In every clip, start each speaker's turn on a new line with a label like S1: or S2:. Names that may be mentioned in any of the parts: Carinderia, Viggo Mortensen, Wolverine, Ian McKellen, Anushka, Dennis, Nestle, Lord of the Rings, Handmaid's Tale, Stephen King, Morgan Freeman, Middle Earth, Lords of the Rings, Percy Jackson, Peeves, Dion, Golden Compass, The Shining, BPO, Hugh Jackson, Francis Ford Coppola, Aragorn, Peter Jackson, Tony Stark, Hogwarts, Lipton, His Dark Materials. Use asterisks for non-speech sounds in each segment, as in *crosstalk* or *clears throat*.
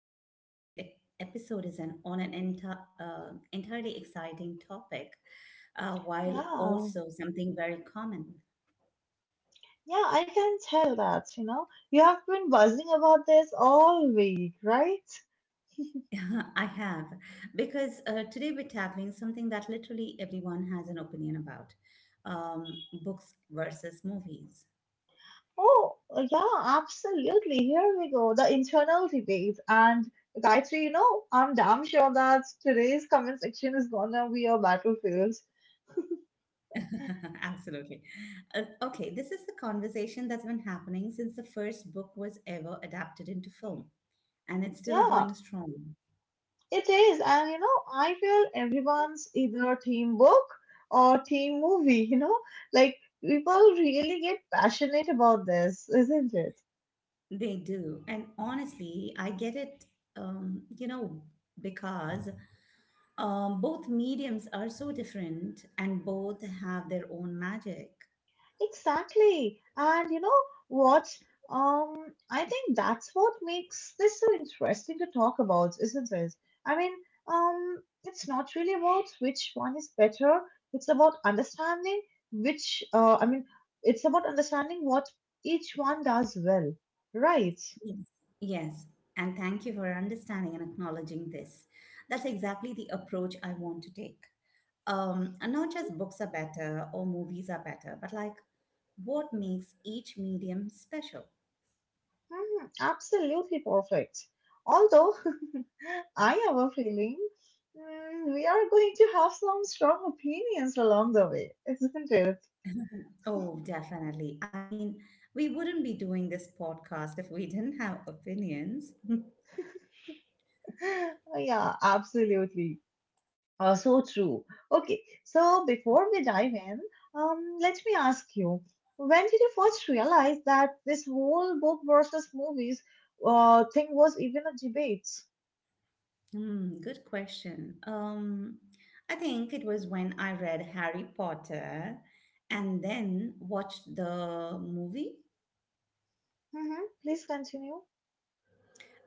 S1: today's episode is on an entirely exciting topic, while
S2: Yeah,
S1: also something very common.
S2: yeah, I can tell that, you know. You have been buzzing about this all week, right?
S1: *laughs* I have, because today we're tackling something that literally everyone has an opinion about, books versus movies.
S2: Oh, absolutely. Here we go, the internal debate. And Gayatri, I'm damn sure that today's comment section is gonna be a battlefield.
S1: *laughs* Absolutely. Okay, this is the conversation that's been happening since the first book was ever adapted into film, and it's still
S2: Yeah,
S1: going strong.
S2: it is. And you know, I feel everyone's either team book or team movie, you know? Like people really get passionate about this, isn't it?
S1: They do. And honestly, I get it, um, you know, because both mediums are so different and both have their own magic.
S2: Exactly. And you know what? I think that's what makes this so interesting to talk about, isn't it? I mean, it's not really about which one is better. It's about understanding which, uh, I mean, it's about understanding what each one does well, right?
S1: Yes. Yes. And thank you for understanding and acknowledging this. That's exactly the approach I want to take. And not just
S2: Mm-hmm.
S1: books are better or movies are better, but like what makes each medium special?
S2: Mhm, Absolutely perfect. Although *laughs* I have a feeling we are going to have some strong opinions along the way, isn't it?
S1: Oh, definitely. I mean, we wouldn't be doing this podcast if we didn't have opinions. *laughs*
S2: *laughs* Yeah, absolutely. So true. Okay, so before we dive in, let me ask you, when did you first realize that this whole book versus movies thing was even a debate?
S1: Hmm, good question. I think it was when I read Harry Potter and then watched the movie.
S2: Hmm Please continue.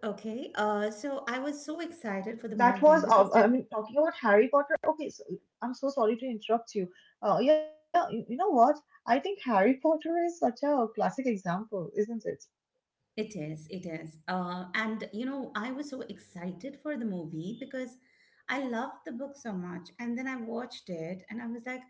S1: Okay, so I was so excited for the
S2: That
S1: movie
S2: was
S1: because
S2: I mean Talking about Harry Potter, okay, so I'm so sorry to interrupt you. Yeah, you know what, I think Harry Potter is such a classic example, isn't it?
S1: it is, it is. And you know, I was so excited for the movie because I loved the book so much. And then I watched it and I was like,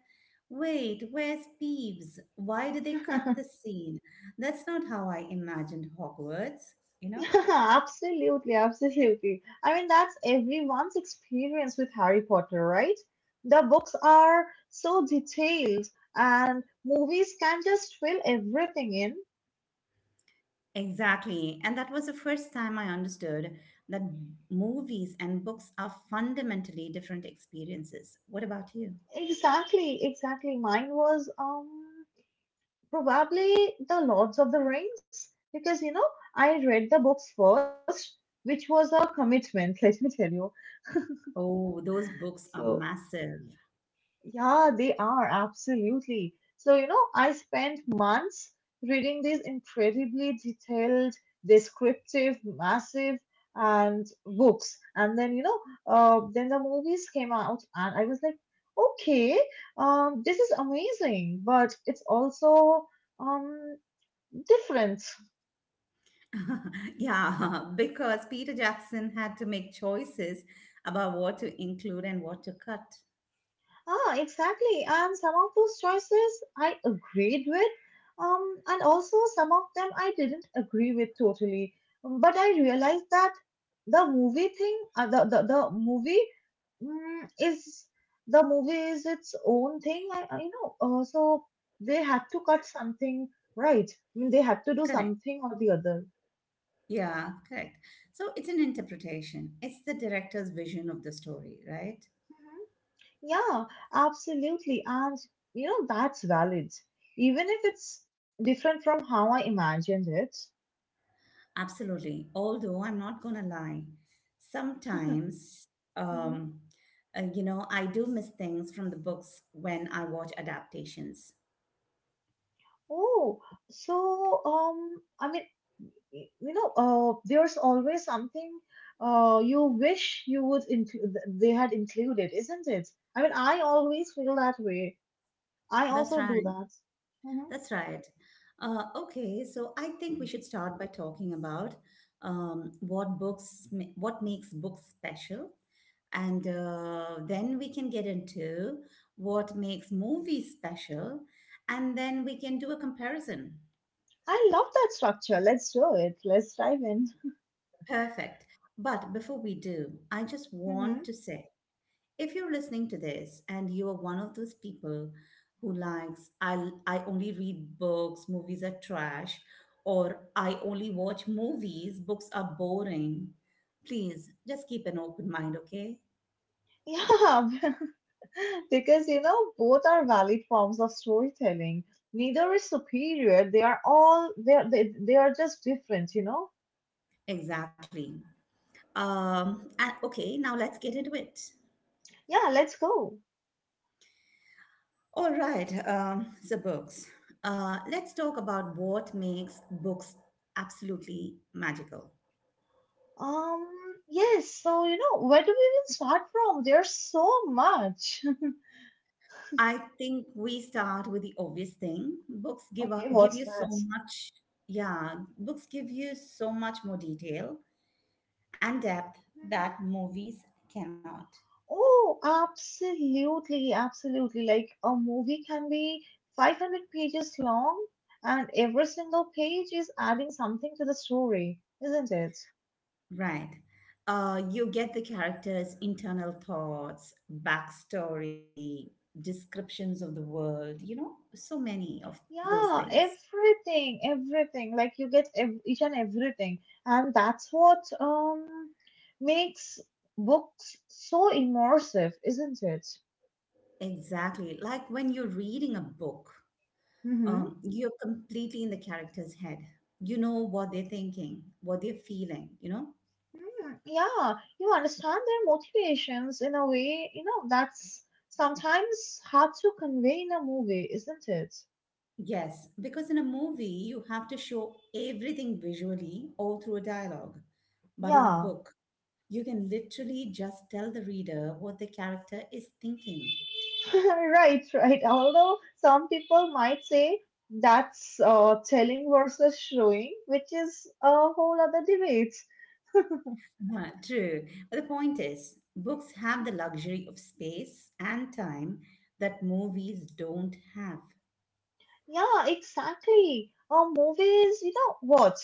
S1: wait, where's Peeves? Why did they cut the
S2: *laughs*
S1: scene? That's not how I imagined Hogwarts, you know?
S2: Yeah, absolutely, absolutely. I mean, that's everyone's experience with Harry Potter, right? The books are so detailed and movies can just fill everything in.
S1: Exactly. And that was the first time I understood that movies and books are fundamentally different experiences. What about you?
S2: Exactly, exactly. Mine was probably the Lords of the Rings, because you know, I read the books first, which was a commitment, *laughs* let me tell you.
S1: Oh, those books are
S2: So,
S1: massive.
S2: yeah, they are absolutely. So, you know, I spent months reading these incredibly detailed, descriptive, massive, and books. And then, then the movies came out, and I was like, okay, this is amazing, but it's also um different.
S1: *laughs* Yeah, *laughs* because Peter Jackson had to make choices about what to include and what to cut.
S2: Ah, exactly. And some of those choices I agreed with, and also some of them I didn't agree with totally. But I realized that the movie thing, the movie, mm, is the movie is its own thing. I you know. So They had to cut something, right. I mean, they had to do
S1: Correct.
S2: something or the other.
S1: Yeah, correct. So it's an interpretation, it's the director's vision of the story, right?
S2: Yeah, absolutely. And you know, that's valid, even if it's different from how I imagined it.
S1: Absolutely. Although I'm not going to lie, sometimes,
S2: Hmm
S1: um, I do miss things from the books when I watch adaptations.
S2: Oh, so um, I mean, there's always something you wish you would include they had included, isn't it? I mean, I always feel that way. I
S1: That's
S2: also do
S1: right.
S2: that. Hmm
S1: That's right. Okay, so I think we should start by talking about what what makes books special, and then we can get into what makes movies special, and then we can do a comparison.
S2: I love that structure. Let's do it. Let's dive in.
S1: Perfect. But before we do, I just
S2: Hmm
S1: want to say if you're listening to this and you are one of those people who likes, I only read books, movies are trash, or I only watch movies, books are boring, please just keep an open mind, okay?
S2: *laughs* Yeah, *laughs* *laughs* because you know, both are valid forms of storytelling. Neither is superior. They are all they are just different, you know.
S1: Exactly. And okay, now let's get into it.
S2: Yeah, let's go.
S1: All right, so books. Let's talk about what makes books absolutely magical.
S2: Um yes, so you know, where do we even start from? There's so much. *laughs*
S1: I think we start with the obvious thing.
S2: Okay,
S1: Give
S2: what's
S1: you so
S2: that?
S1: much, yeah, books give you so much more detail and depth
S2: Mhm.
S1: that movies cannot.
S2: Oh, absolutely, absolutely. Like a movie can be 500 pages long and every single page is adding something to the story, isn't it?
S1: Right. You get the characters' internal thoughts, backstory, descriptions of the world, you know, so many of those
S2: Yeah,
S1: things.
S2: everything, everything. Like each and everything, and that's what makes books so immersive, isn't it?
S1: Exactly. Like when you're reading a book,
S2: Hmm
S1: you're completely in the character's head. You know what they're thinking, what they're feeling, you know?
S2: Yeah, you understand their motivations in a way, you know, that's sometimes hard to convey in a movie, isn't it?
S1: Yes, because in a movie, you have to show everything visually or through a dialogue. But in a
S2: Yeah,
S1: book, you can literally just tell the reader what the character is thinking.
S2: *laughs* right, right. Although some people might say that's telling versus showing, which is a whole other debate.
S1: True. But the point is, books have the luxury of space and time that movies don't have.
S2: Yeah, exactly. A movie you know, what,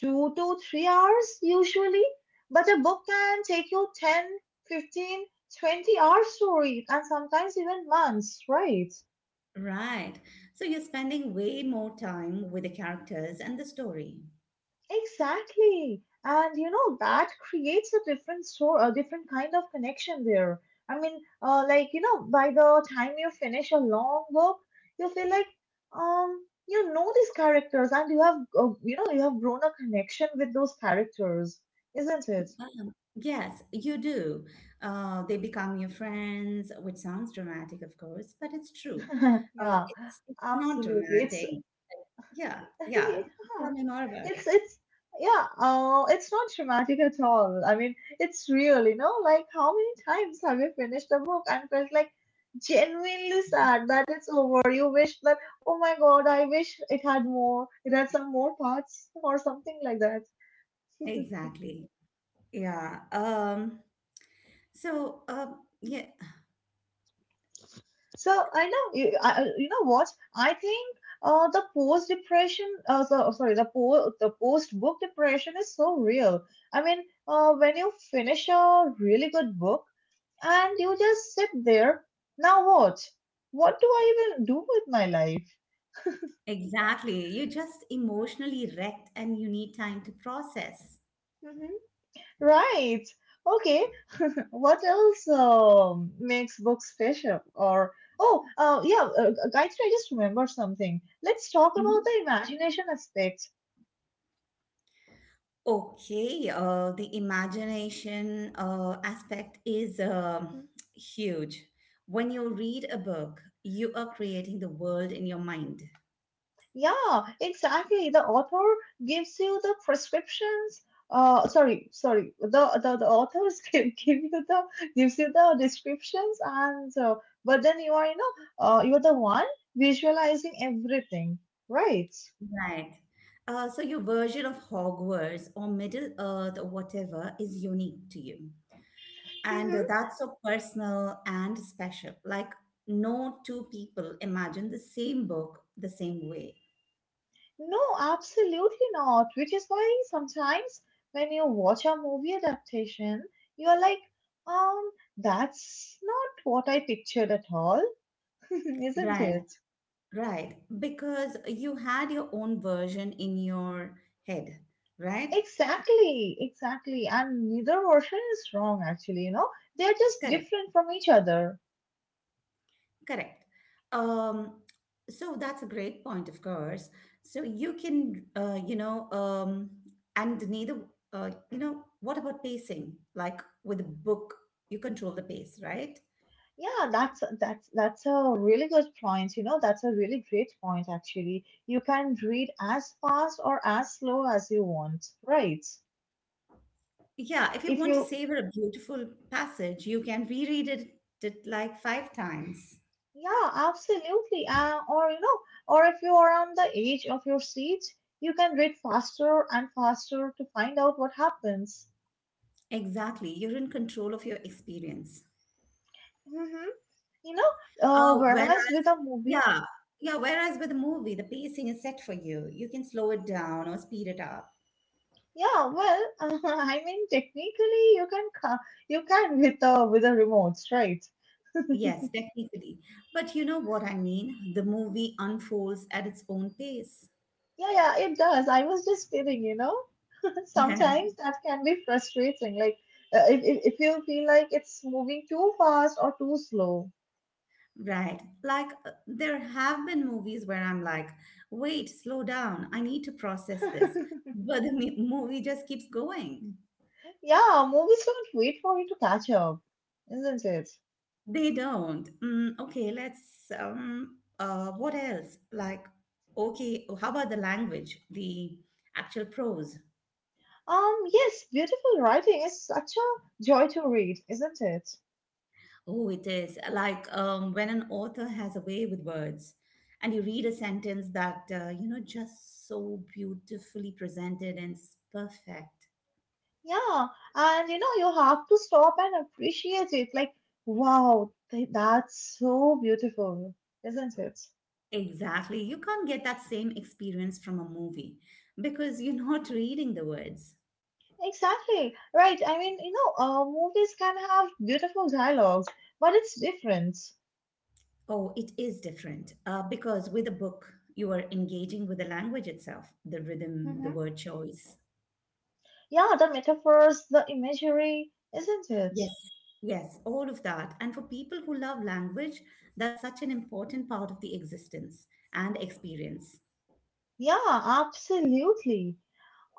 S2: 2 to 3 hours usually, but a book can take you 10, 15, 20 hours to read, and sometimes even months, right?
S1: Right. So you're spending way more time with the characters and the story.
S2: Exactly. And you know, that creates a different kind of connection there. I mean, you know, by the time you finish a long book, you feel like, you know these characters and you have grown a connection with those characters, isn't it?
S1: Yes, you do. They become your friends, which sounds dramatic, of course, but it's true.
S2: *laughs*
S1: Uh,
S2: Yeah,
S1: it's it's not
S2: absolutely.
S1: dramatic. Yeah,
S2: *laughs*
S1: yeah.
S2: Yeah,
S1: Tell me more about
S2: It's
S1: it.
S2: it's yeah, it's not dramatic at all. I mean, it's real, you know, like how many times have you finished a book and felt like genuinely sad that it's over? You wish that, oh my God, I wish it had more, it had some more parts or something like that.
S1: Exactly. Yeah. So, uh, yeah,
S2: So I know, you, I- you know what? I think the po the post book depression is so real. I mean, when you finish a really good book. And you just sit there. Now what? What do I even do with my life?
S1: exactly. You're just emotionally wrecked and you need time to process.
S2: Hmm Right. Okay. *laughs* What else makes books special? Gayatri, I just remembered something. Let's talk about
S1: Mhm.
S2: the imagination aspect.
S1: Okay, the imagination aspect is huge. When you read a book, you are creating the world in your mind.
S2: Yeah, exactly. The author gives you the prescriptions. Sorry, sorry. The authors *laughs* gives you the descriptions, and but then you are you know you're the one visualizing everything, right?
S1: Right. So your version of Hogwarts or Middle Earth or whatever is unique to you. And
S2: hmm
S1: that's so personal and special. Like, no two people imagine the same book the same way.
S2: No, absolutely not. Which is why sometimes when you watch a movie adaptation, you are like, um, that's not what I pictured at all, *laughs* isn't
S1: Right,
S2: it?
S1: right. Because you had your own version in your head, right?
S2: Exactly, exactly. And neither version is wrong actually, you know. They're just
S1: Correct,
S2: different from each other.
S1: correct. Um, so that's a great point, of course. So you can, you know, and neither, you know, what about pacing? Like with a book, you control the pace, right?
S2: Yeah, that's a really good point, you know. That's a really great point actually. You can read as fast or as slow as you want, right?
S1: Yeah, if you
S2: If
S1: want to
S2: you
S1: savor a beautiful passage, you can reread it like five times.
S2: Yeah, absolutely. Or you know, or if you are on the edge of your seat, you can read faster and faster to find out what happens.
S1: Exactly. You're in control of your experience.
S2: Mm-hmm. you know,
S1: Oh, whereas,
S2: Whereas with a movie,
S1: yeah, yeah, whereas with a movie, the pacing is set for you. You can slow it down or speed it up.
S2: yeah, well, *laughs* I mean, technically, you can with the remotes, right?
S1: Yes, technically. But you know what I mean? The movie unfolds at its own pace.
S2: Yeah, yeah, it does. I was just kidding, you know. *laughs*
S1: *laughs*
S2: Sometimes that can be frustrating, like if you feel like it's moving too fast or too slow.
S1: Right. Like there have been movies where I'm like, wait, slow down. I need to process this.
S2: *laughs*
S1: But movie just keeps going.
S2: Yeah, movies don't wait for you to catch up, isn't it?
S1: They don't. Okay, let's what else? Okay, how about the language, the actual prose?
S2: Yes, beautiful writing is such a joy to read, isn't it?
S1: Oh, it is like when an author has a way with words and you read a sentence that you know just so beautifully presented and it's perfect.
S2: Yeah, and you know, you have to stop and appreciate it. Like, wow, that's so beautiful, isn't it?
S1: Exactly. You can't get that same experience from a movie because you're *laughs* not reading the words.
S2: Exactly, right. I mean, you know, movies can have beautiful dialogues, but it's different.
S1: Oh, it is different because with a book, you are engaging with the language itself, the rhythm, the
S2: Hmm
S1: word choice.
S2: Yeah, the metaphors, the imagery, isn't it?
S1: Yes, yes, all of that. And for people who love language, that's such an important part of the existence and experience.
S2: Yeah, absolutely.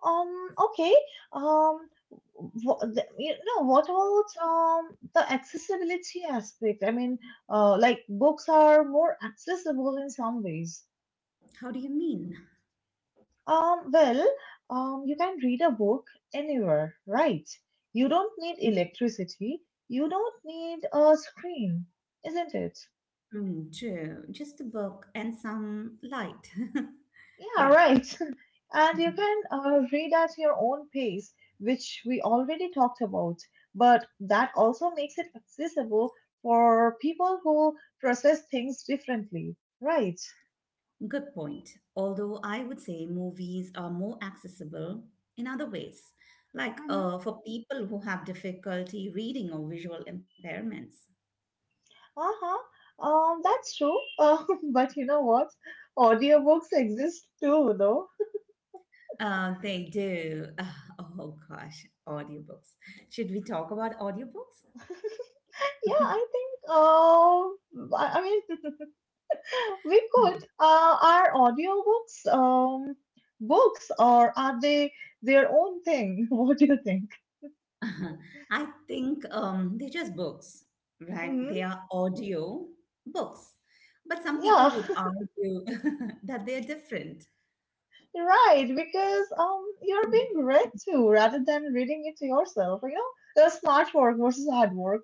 S2: Okay. Um, what about the accessibility aspect? I mean, like books are more accessible in some ways.
S1: How do you mean?
S2: Um, well, you can read a book anywhere, right? You don't need electricity. You don't need a screen, isn't it?
S1: Mm, true. Just a book and some light. *laughs*
S2: Yeah,
S1: Yeah.
S2: right. And you
S1: Mm-hmm.
S2: can read at your own pace, which we already talked about, but that also makes it accessible for people who process things differently, right?
S1: Good point. Although I would say movies are more accessible in other ways, like
S2: Mm-hmm.
S1: for people who have difficulty reading or visual impairments.
S2: Uh-huh. That's true. *laughs* But you know what? Audiobooks exist too, though.
S1: They do. *laughs* Oh gosh, audiobooks. Should we talk about audiobooks?
S2: Yeah,
S1: *laughs*
S2: I think *laughs* we could are audiobooks books or are they their own thing? *laughs* What do you think?
S1: I think they're just books, right? They are audio books. But some
S2: Yeah,
S1: people would
S2: *laughs*
S1: argue *laughs* that they're different.
S2: right, because you're being read to rather than reading it to yourself, you know? The smart work versus hard work.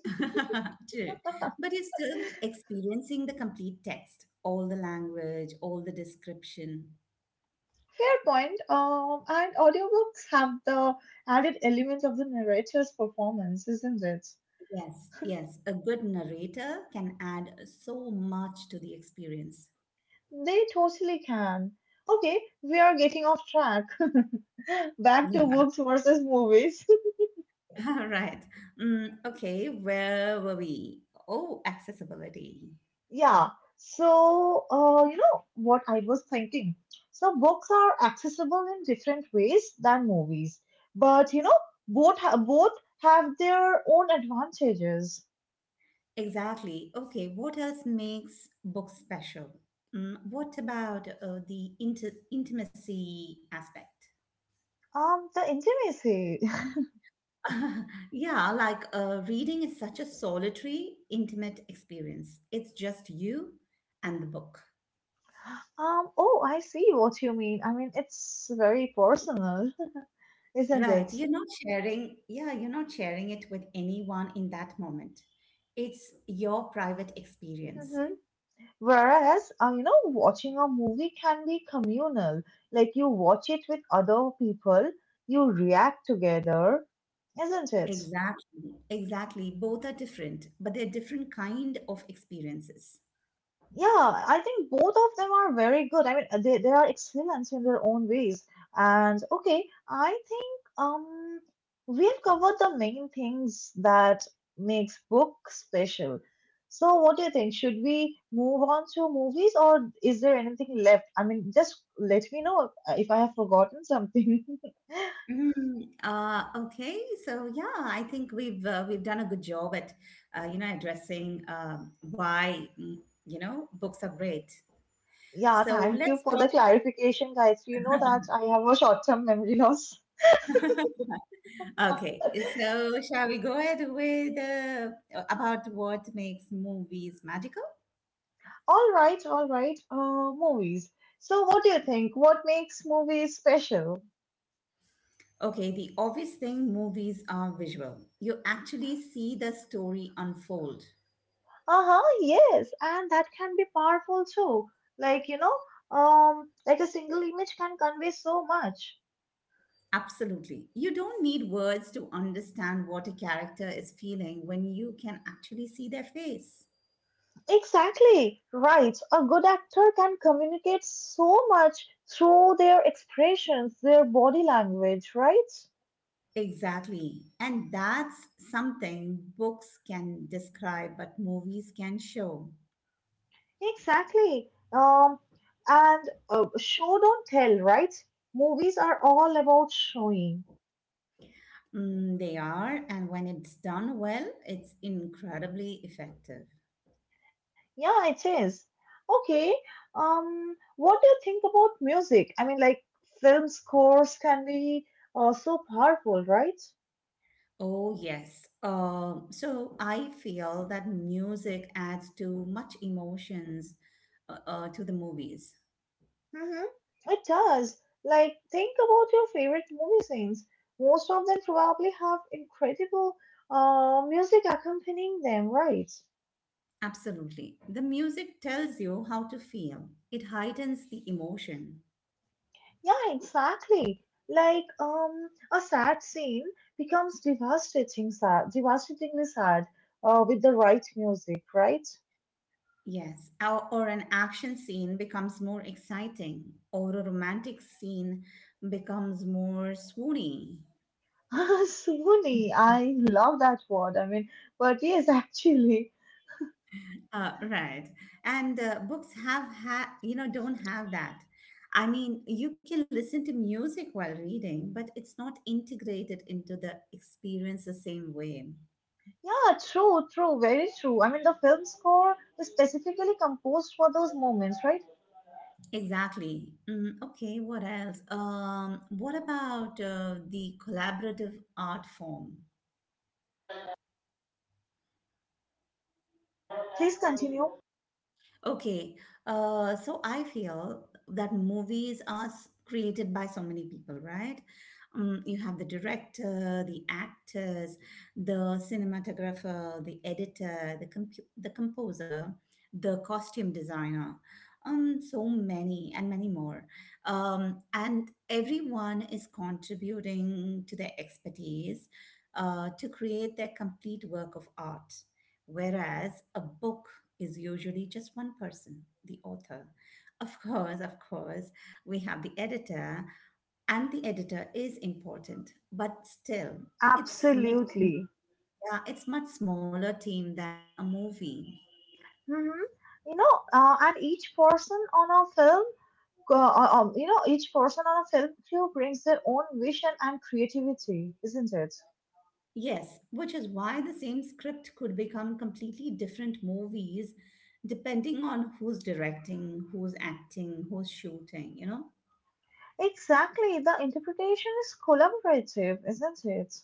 S1: *laughs* True.
S2: *laughs*
S1: But you're still experiencing the complete text, all the language, all the description.
S2: Fair point. And audiobooks have the added element of the narrator's performance, isn't it?
S1: Yes, yes. A good narrator can add so much to the experience.
S2: They totally can. Okay, we are getting off track. *laughs* Back to
S1: Yeah.
S2: books versus movies.
S1: *laughs* All right. Okay, where were we? Oh, accessibility.
S2: Yeah. So, you know what I was thinking? So, books are accessible in different ways than movies, but you know, both have their own advantages.
S1: Exactly. Okay, what else makes books special? Mm, what about intimacy aspect?
S2: The intimacy. *laughs*
S1: *laughs* Yeah, like reading is such a solitary, intimate experience. It's just you and the book.
S2: Oh, I see what you mean. I mean, it's very personal, *laughs* isn't
S1: Right.
S2: it?
S1: You're not sharing, Yeah, you're not sharing it with anyone in that moment. It's your private experience.
S2: Mhm. Whereas, you know, watching a movie can be communal. Like you watch it with other people, you react together, isn't it?
S1: Exactly. Exactly. Both are different, but they're different kind of experiences.
S2: Yeah, I think both of them are very good. I mean, they are excellent in their own ways. And okay, I think um we've covered the main things that makes book special. So what do you think? Should we move on to movies or is there anything left? I mean, just let me know if I have forgotten something. *laughs*
S1: Mhm. Okay, so yeah, I think we've done a good job at you know addressing why you know books are great.
S2: Yeah,
S1: So
S2: thank you
S1: let's
S2: for the
S1: talk.
S2: clarification, guys. You know that I have a short-term memory loss.
S1: Okay,
S2: *laughs*
S1: so shall we go ahead with about what makes movies magical?
S2: All right, all right. Movies. So, what do you think? What makes movies special?
S1: Okay, the obvious thing, movies are visual. You actually see the story unfold.
S2: Uh huh, yes, and that can be powerful too. Like, you know, a single image can convey so much.
S1: Absolutely. You don't need words to understand what a character is feeling when you can actually see their face.
S2: Exactly, right. A good actor can communicate so much through their expressions, their body language, right?
S1: Exactly. And that's something books can describe, but movies can show.
S2: Exactly. And Show don't tell, right? Movies are all about showing.
S1: Mm, they are, and when it's done well, it's incredibly effective.
S2: Yeah, it is. Okay. What do you think about music? I mean, like film scores can be so powerful, right?
S1: Oh, yes. So I feel that music adds too much emotions to the movies.
S2: Mm-hmm. It does. Like, think about your favorite movie scenes. Most of them probably have incredible music accompanying them, right?
S1: Absolutely. The music tells you how to feel, it heightens the emotion.
S2: Yeah, exactly. Like, a sad scene becomes devastatingly sad, with the right music, right?
S1: Yes, or an action scene becomes more exciting, or a romantic scene becomes more swoony.
S2: *laughs* Sony, I love that word. But yes, *laughs* actually,
S1: Right. And books have ha you know, don't have that. I mean, you can listen to music while reading, but it's not integrated into the experience the same way.
S2: yeah, true, true, very true. I mean, the film score is specifically composed for those moments, right?
S1: Exactly. Okay, what else? What about the collaborative art form?
S2: Please continue.
S1: Okay, so I feel that movies are created by so many people, right? You have the director, the actors, the cinematographer, the editor, the composer, the costume designer, so many and many more. And everyone is contributing to their expertise to create their complete work of art, whereas a book is usually just one person, the author. Of course, we have the editor, and the editor is important, but still, it's much
S2: Absolutely.
S1: yeah, it's much smaller team than a movie.
S2: Hmm You know, and each person on a film, you know, each person on a film crew brings their own vision and creativity, isn't it?
S1: Yes, which is why the same script could become completely different movies depending on who's directing, who's acting, who's shooting, you know?
S2: Exactly. The interpretation is collaborative, isn't it?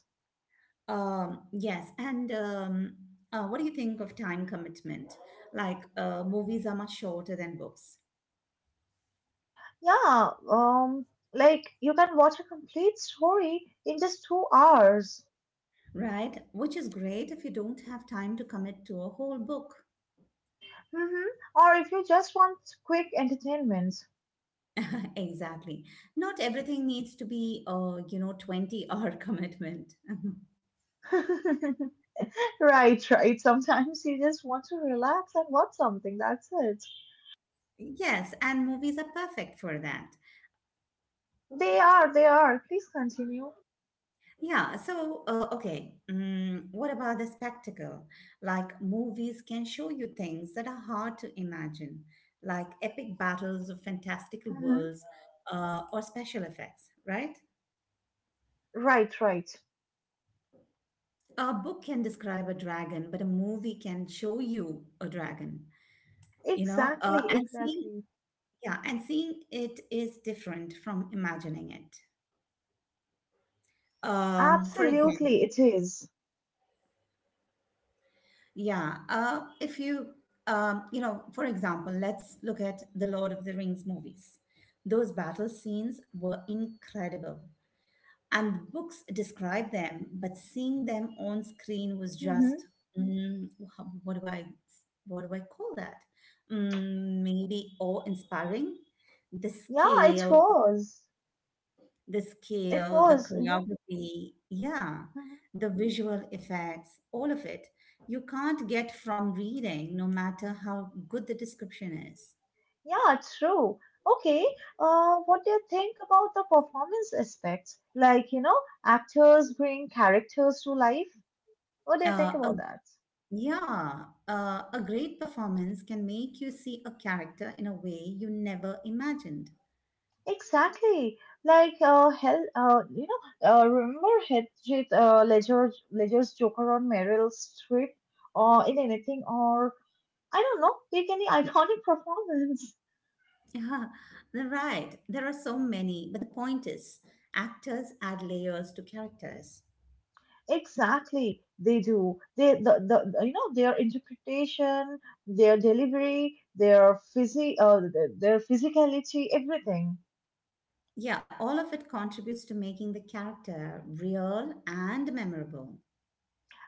S1: Yes, and what do you think of time commitment? Like, movies are much shorter than books,
S2: Yeah, like you can watch a complete story in just 2 hours.
S1: right? Which is great if you don't have time to commit to a whole book.
S2: Hmm Or if you just want quick entertainment.
S1: *laughs* Exactly. Not everything needs to be, 20-hour commitment. *laughs*
S2: *laughs* Right, right. Sometimes you just want to relax and watch something. That's it.
S1: Yes, and movies are perfect for that.
S2: They are, they are. Please continue.
S1: Yeah, so okay, what about the spectacle? Like movies can show you things that are hard to imagine, like epic battles of fantastical
S2: Hmm
S1: worlds or special effects, right?
S2: Right, right.
S1: A book can describe a dragon, but a movie can show you a dragon, you know?
S2: Exactly, exactly.
S1: Yeah, and seeing it is different from imagining it. For example,
S2: Absolutely, it is.
S1: yeah. If you, for example, let's look at the Lord of the Rings movies. Those battle scenes were incredible, and the books describe them, but seeing them on screen was
S2: Mm-hmm.
S1: just, mm, wha- what do I, what do I call that? Maybe awe-inspiring. The
S2: Yeah, it
S1: scale,
S2: was.
S1: the
S2: It
S1: scale, the
S2: was, you know.
S1: choreography, yeah, the visual effects, all of it. You can't get from reading, no matter how good the description is.
S2: Yeah, true. Okay, what do you think about the performance aspects? Like, you know, actors bring characters to life. What do you think
S1: Uh, a,
S2: about that?
S1: yeah, a great performance can make you see a character in a way you never imagined.
S2: Exactly. Like, remember Heath Ledger's Joker on Meryl Streep, or in anything, or I don't know, take any *laughs* iconic performance.
S1: Yeah, they're right. There are so many, but the point is, actors add layers to characters.
S2: Exactly, they do. They the- You know, their interpretation, their delivery, their physicality, everything.
S1: Yeah, all of it contributes to making the character real and memorable.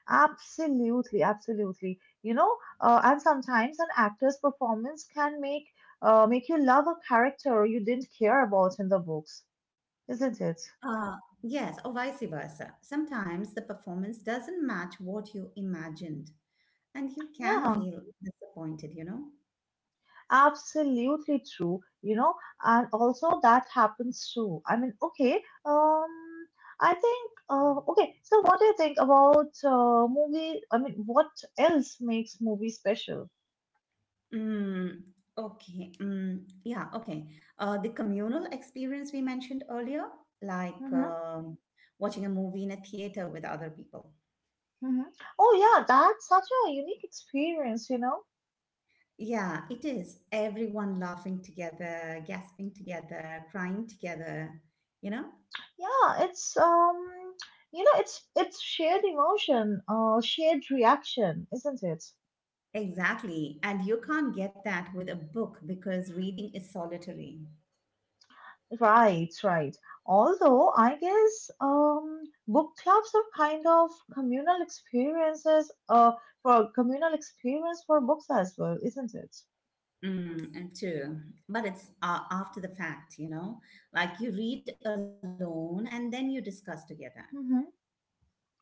S2: Absolutely, absolutely. You know, and sometimes an actor's performance can make make you love a character you didn't care about in the books, isn't it?
S1: Uh, yes, or vice versa. Sometimes the performance doesn't match what you imagined, and you can
S2: Yeah.
S1: feel disappointed, you know?
S2: Absolutely true, you know, and also that happens too. I mean, okay, um, I think, okay, so what do you think about movie? I mean, what else makes movie special?
S1: Mm, okay. Yeah, okay. The communal experience we mentioned earlier, like
S2: Mm-hmm,
S1: watching a movie in a theater with other people.
S2: mm-hmm. Oh yeah, that's such a unique experience, you know.
S1: Yeah, it is. Everyone laughing together, gasping together, crying together, you know?
S2: Yeah, it's you know, it's shared emotion, shared reaction, isn't it?
S1: Exactly. And you can't get that with a book because reading is solitary.
S2: Right, right. Although I guess book clubs are kind of communal experience for books as well, isn't it?
S1: And true. But it's after the fact, you know? Like you read alone and then you discuss together.
S2: Hmm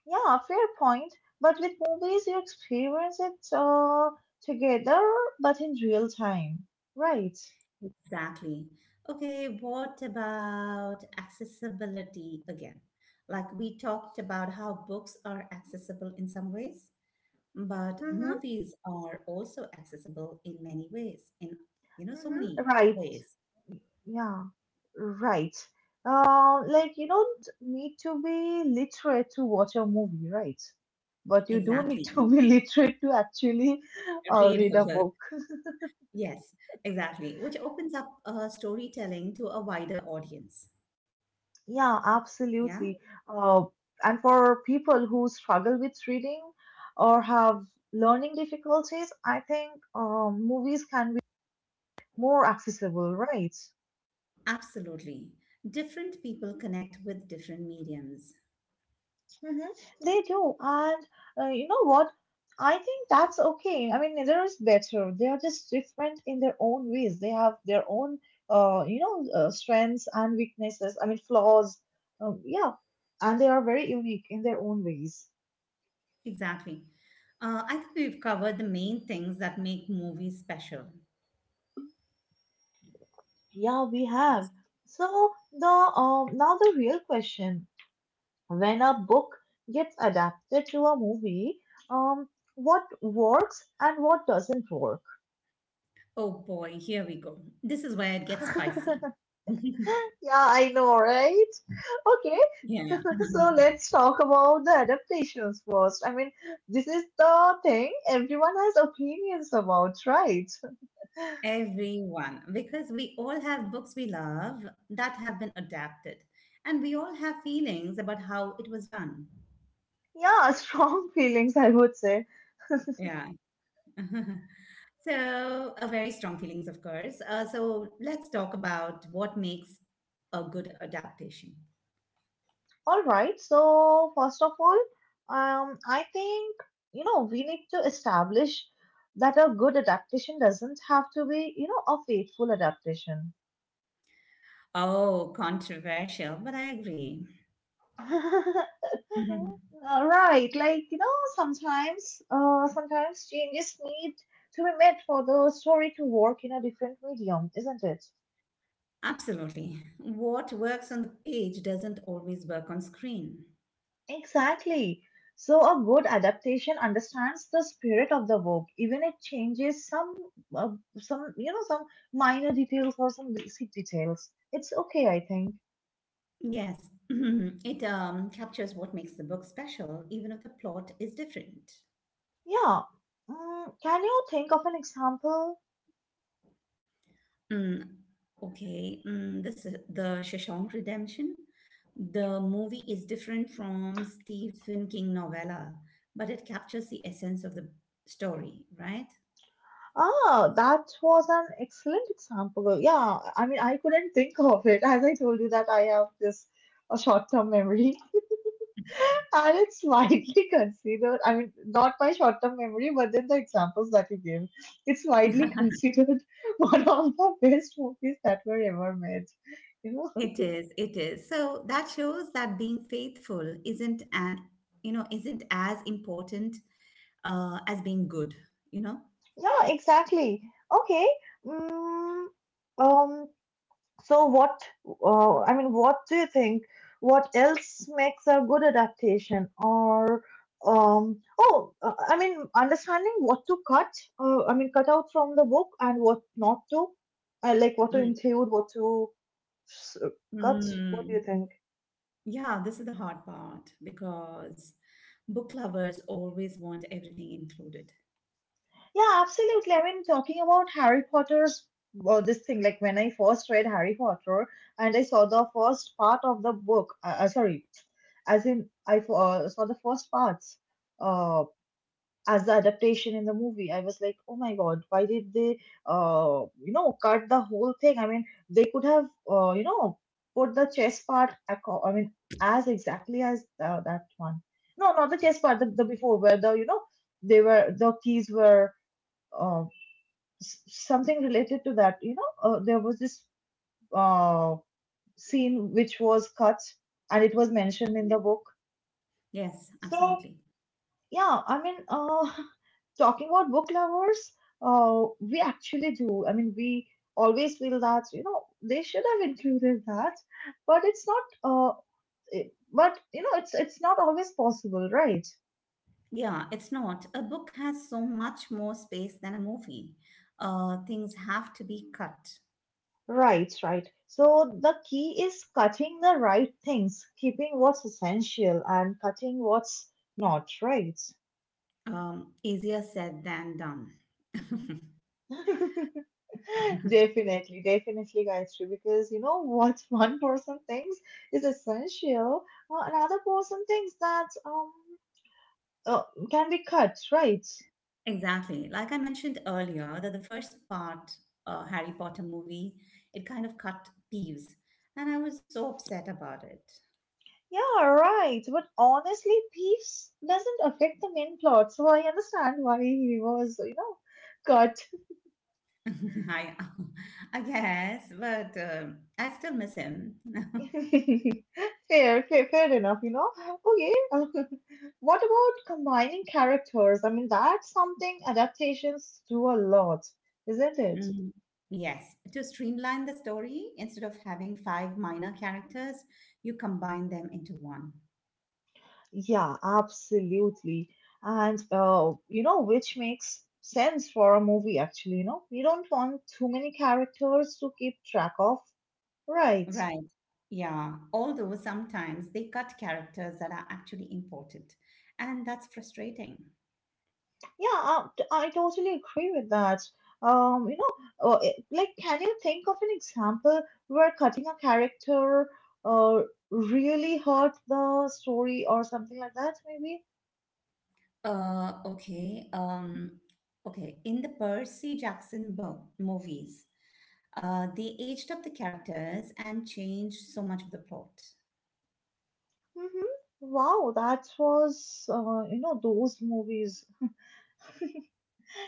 S2: Yeah, fair point. But with movies, you experience it together, but in real time. Right.
S1: Exactly. Okay, what about accessibility again? Like we talked about how books are accessible in some ways, but
S2: Mm-hmm,
S1: movies are also accessible in many ways, in you know, so
S2: mm-hmm.
S1: many
S2: Right.
S1: ways.
S2: Yeah, right. Like you don't need to be literate to watch a movie, right? But you do need
S1: Exactly.
S2: to be *laughs* literate to actually
S1: Read *laughs*
S2: read a
S1: alone.
S2: book.
S1: Yes, exactly, which opens up storytelling to a wider audience.
S2: Yeah,
S1: Yeah,
S2: absolutely. Uh, and for people who struggle with reading or have learning difficulties, I think movies can be more accessible, right?
S1: absolutely. Different people connect with different mediums.
S2: Mm-hmm. They do. And you know what? I think that's okay. I mean, neither is better. They are just different in their own ways. They have their own, strengths and weaknesses. I mean, flaws. Yeah. And they are very unique in their own ways.
S1: Exactly. I think we've covered the main things that make movies special.
S2: Yeah, we have. So the now the real question: when a book gets adapted to a movie, um, what works and what doesn't work?
S1: Oh boy, here we go. This is where it gets spicy. *laughs*
S2: *laughs* Yeah, I know, right? Okay,
S1: Yeah.
S2: *laughs* so let's talk about the adaptations first. I mean, this is the thing everyone has opinions about, right?
S1: Everyone, because we all have books we love that have been adapted, and we all have feelings about how it was done.
S2: Yeah, strong *laughs* feelings, I would say.
S1: Yeah. *laughs* So, very strong feelings, of course. So, let's talk about what makes a good adaptation.
S2: All right, so first of all, I think, you know, we need to establish that a good adaptation doesn't have to be, you know, a faithful adaptation.
S1: Oh, controversial, but I agree.
S2: *laughs*
S1: *laughs*
S2: Right, like you know, sometimes changes need to be made for the story to work in a different medium, isn't it?
S1: Absolutely. What works on the page doesn't always work on screen.
S2: Exactly. So a good adaptation understands the spirit of the work, even it changes some, uh, some minor details or some basic details. It's okay, I think.
S1: Yes, *clears throat* it captures what makes the book special, even if the plot is different.
S2: Yeah. Mm, can you think of an example?
S1: Mm, okay, this is the Shawshank Redemption. The movie is different from Stephen King novella, but it captures the essence of the story, right?
S2: Ah, that was an excellent example. Yeah, I mean, I couldn't think of it. *laughs* As I told you that I have this a short-term memory, *laughs* and it's widely *laughs* considered. I mean, not my short-term memory, but then the examples that you gave, it's widely considered *laughs* one of the best movies that were ever made. You know?
S1: It is, it is. So that shows that being faithful isn't an, you know, isn't as important as being good, you know?
S2: Yeah, exactly. Okay. Mm, um, so what I mean, what do you think? What else makes a good adaptation? Or oh, I mean, understanding what to cut. I mean, cut out from the book and what not to. Like what to
S1: Mm,
S2: include, s- cut. What do you
S1: mm.
S2: think?
S1: Yeah, this is the hard part because book lovers always want everything included.
S2: Yeah, absolutely. I mean, talking about Harry Potter's this thing, like when I first read Harry Potter and I saw the first part of the book, sorry, as in I f- saw the first parts uh, as the adaptation in the movie. I was like, oh my god, why did they, you know, cut the whole thing? I mean, they could have, you know, put the chess part. I mean, as exactly as that one. No, not the chess part. The before where, the you know, they were the keys were. Um, something related to that, you know, there was this uh, scene which was cut and it was mentioned in the book,
S1: Yes,
S2: so
S1: absolutely.
S2: yeah, *laughs* talking about book lovers, we actually do. I mean, we always feel that, you know, they should have included that, but it's not uh, it- but you know, it's not always possible, right?
S1: Yeah, it's not. A book has so much more space than a movie. Things have to be cut.
S2: Right, right. So the key is cutting the right things, keeping what's essential and cutting what's not, right?
S1: Easier said than done. *laughs*
S2: *laughs* Definitely, definitely, Gayatri, because you know what, *laughs* one person thinks is essential, another person thinks that uh, can be cut, right?
S1: Exactly. Like I mentioned earlier, that the first part, Harry Potter movie, it kind of cut Peeves, and I was so upset about it.
S2: Yeah, right. But honestly, Thieves doesn't affect the main plot, so I understand why he was, you know, cut.
S1: *laughs* I, I guess, but I still miss him. *laughs*
S2: *laughs* Fair, fair, fair enough, you know. Okay, *laughs* what about combining characters? I mean, that's something adaptations do a lot, isn't it?
S1: Mm, Yes, to streamline the story, instead of having five minor characters, you combine them into one.
S2: Yeah, absolutely. And, you know, which makes sense for a movie, actually, you know. You don't want too many characters to keep track of, right?
S1: Right. Yeah. Although sometimes they cut characters that are actually important, and that's frustrating.
S2: Yeah, I totally agree with that. You know, like, can you think of an example where cutting a character uh, really hurt the story or something like that, maybe?
S1: Uh, okay. Um, okay. In the Percy Jackson book movies, they aged up the characters and changed so much of the plot.
S2: Mm-hmm. Wow, that was, you know, those movies.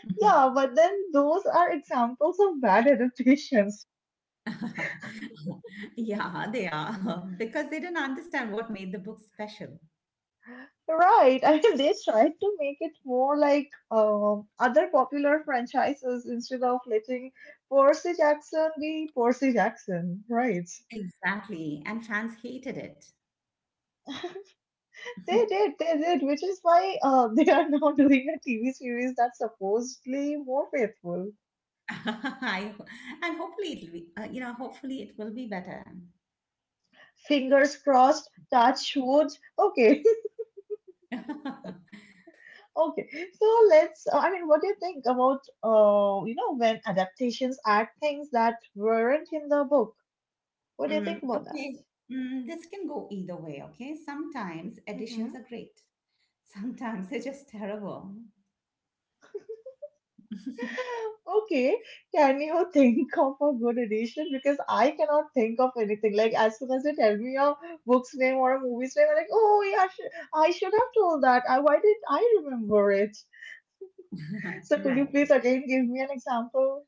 S1: Mhm.
S2: Yeah, but then those are examples of bad *laughs* adaptations.
S1: *laughs* Yeah, they are *laughs* because they didn't understand what made the book special.
S2: Right. *laughs* I mean, they tried to make it more like other popular franchises instead of letting Percy Jackson be Percy Jackson. Right.
S1: Exactly, and fans hated it.
S2: They
S1: *laughs*
S2: did. They did, which is why *laughs* they are now *laughs* doing a TV series that's supposedly more faithful.
S1: *laughs* I, and hopefully it'll be, hopefully it will be better.
S2: Fingers crossed. Touch wood. Okay. *laughs*
S1: *laughs*
S2: Okay. So let's. I mean, what do you think about, you know, when adaptations add things that weren't in the book? What do you think
S1: Mm,
S2: about that?
S1: okay. This can go either way, okay? Sometimes
S2: Mm-hmm.
S1: additions are great. Sometimes *laughs* they're just terrible. *laughs*
S2: Okay, can you *laughs* think of a good edition? Because I cannot think of anything. Like as soon as they tell me a book's name or a movie's name, I'm like, oh yeah, I should have told that. Why did I remember it? So could you
S1: Right.
S2: please again give me an example?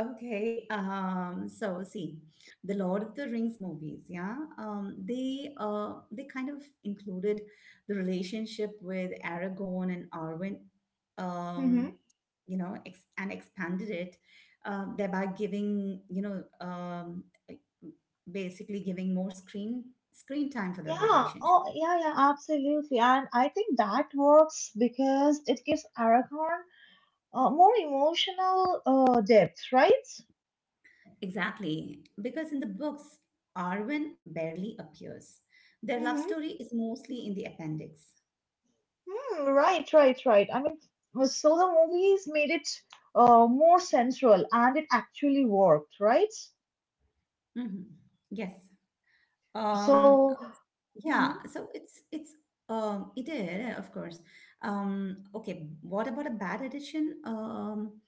S1: Okay, so see, the Lord of the Rings movies, yeah, they kind of included the relationship with Aragorn and Arwen,
S2: Hmm
S1: um, you know, ex and expanded it, thereby giving, you know, like, basically giving more screen time for the
S2: Yeah.
S1: relationship.
S2: Oh yeah, yeah, absolutely. And I think that works because it gives Aragorn more emotional depth, right?
S1: Exactly, because in the books, Arwen barely appears. Their love story is mostly in the appendix.
S2: Hmm, right, right, right. I mean, so the movies made it more sensual and it actually worked, right?
S1: hmm Yes. Um.
S2: So, mhm.
S1: Yeah. So it is, of course. Okay. What about a bad edition?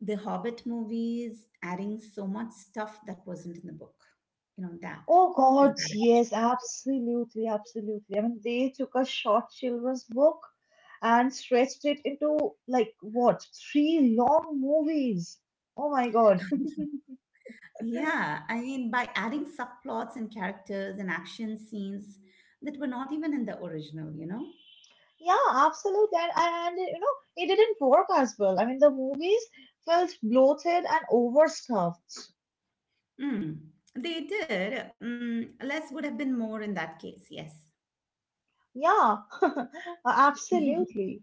S1: The Hobbit movies adding so much stuff that wasn't in the book. You know that
S2: Oh
S1: is
S2: God,
S1: bad edition.
S2: yes, absolutely, absolutely. I mean, they took a short children's book and stretched it into like what, three long movies. Oh my God. *laughs*
S1: *laughs* Yeah, I mean, by adding subplots and characters and action scenes that were not even in the original, you know?
S2: Yeah, absolutely. And you know, it didn't work as well. I mean, the movies felt bloated and overstuffed.
S1: Mm, Less would have been more in that case, yes.
S2: Yeah, *laughs*
S1: *laughs*
S2: absolutely.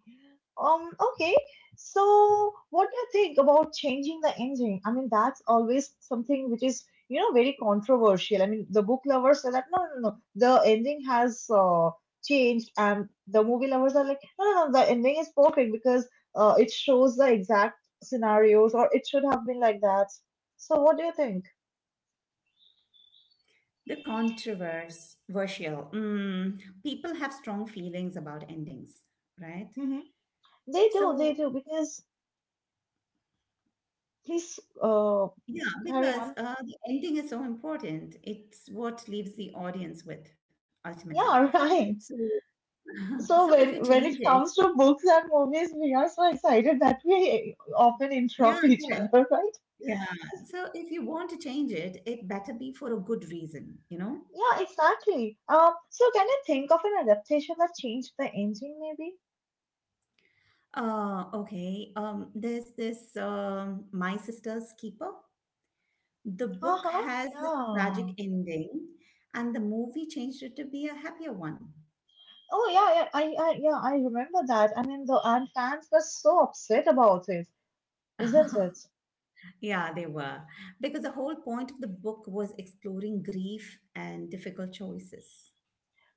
S2: Okay. So, what do you think about changing the engine? I mean, that's always something which is, you know, very controversial. I mean, the book lovers are like, no, no, no, the ending has changed, and the movie lovers are like, no, no, no, the ending is perfect because it shows the exact scenarios, or it should have been like that. So, what do you think?
S1: The controversial. People have strong feelings about endings, right?
S2: Hmm they
S1: So,
S2: do, because please
S1: yeah,
S2: carry
S1: because
S2: on.
S1: the ending is so important. It's what leaves the audience with ultimately.
S2: Yeah, *laughs*
S1: So,
S2: right.
S1: *laughs* so if
S2: So
S1: you
S2: when
S1: change
S2: when
S1: it,
S2: it comes to books and movies, we are so excited that we often
S1: yeah,
S2: interrupt each other, right?
S1: Yeah. So if you want to change it, it better be for a good reason, you know?
S2: Yeah, exactly. So can you think of an adaptation that changed the ending, maybe?
S1: Okay. There's this My Sister's Keeper. The book
S2: Uh-huh.
S1: has this tragic
S2: Yeah.
S1: ending, and the movie changed it to be a happier one.
S2: Oh yeah, yeah. I yeah, I remember that. I mean, the and fans were so upset about it, isn't
S1: *laughs*
S2: it?
S1: Yeah, they were. Because the whole point of the book was exploring grief and difficult choices.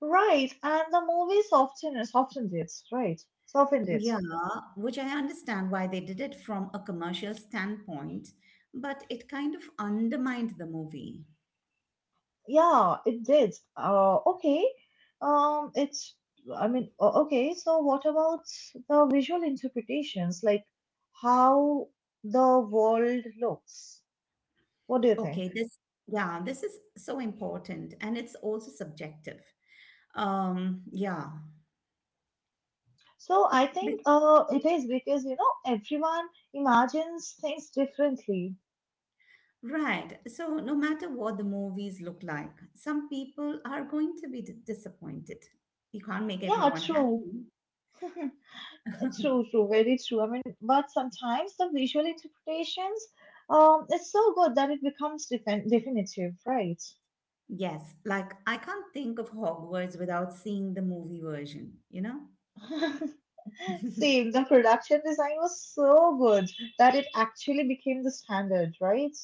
S2: Right. And the movie softened it, right? Softened it.
S1: Yeah, which I understand why they did it from a commercial standpoint, but it kind of undermined the movie.
S2: Yeah, it did. Okay. It's, I mean, okay, so what about the visual interpretations, like how the world looks? What do you think?
S1: Okay, this, yeah, this is so important and it's also subjective. Um, yeah,
S2: So I
S1: Be-
S2: think it is because, you know, everyone imagines things differently.
S1: right. So, no matter what the movies look like, some people are going to be d- disappointed. You can't make
S2: Yeah,
S1: everyone
S2: true.
S1: happy.
S2: *laughs* True, true, very true. I mean, but sometimes the visual interpretations, it's so good that it becomes definitive, right?
S1: Yes, like I can't think of Hogwarts without seeing the movie version, you know?
S2: *laughs*
S1: *laughs*
S2: Same, the production design was so good that it actually became the standard, right?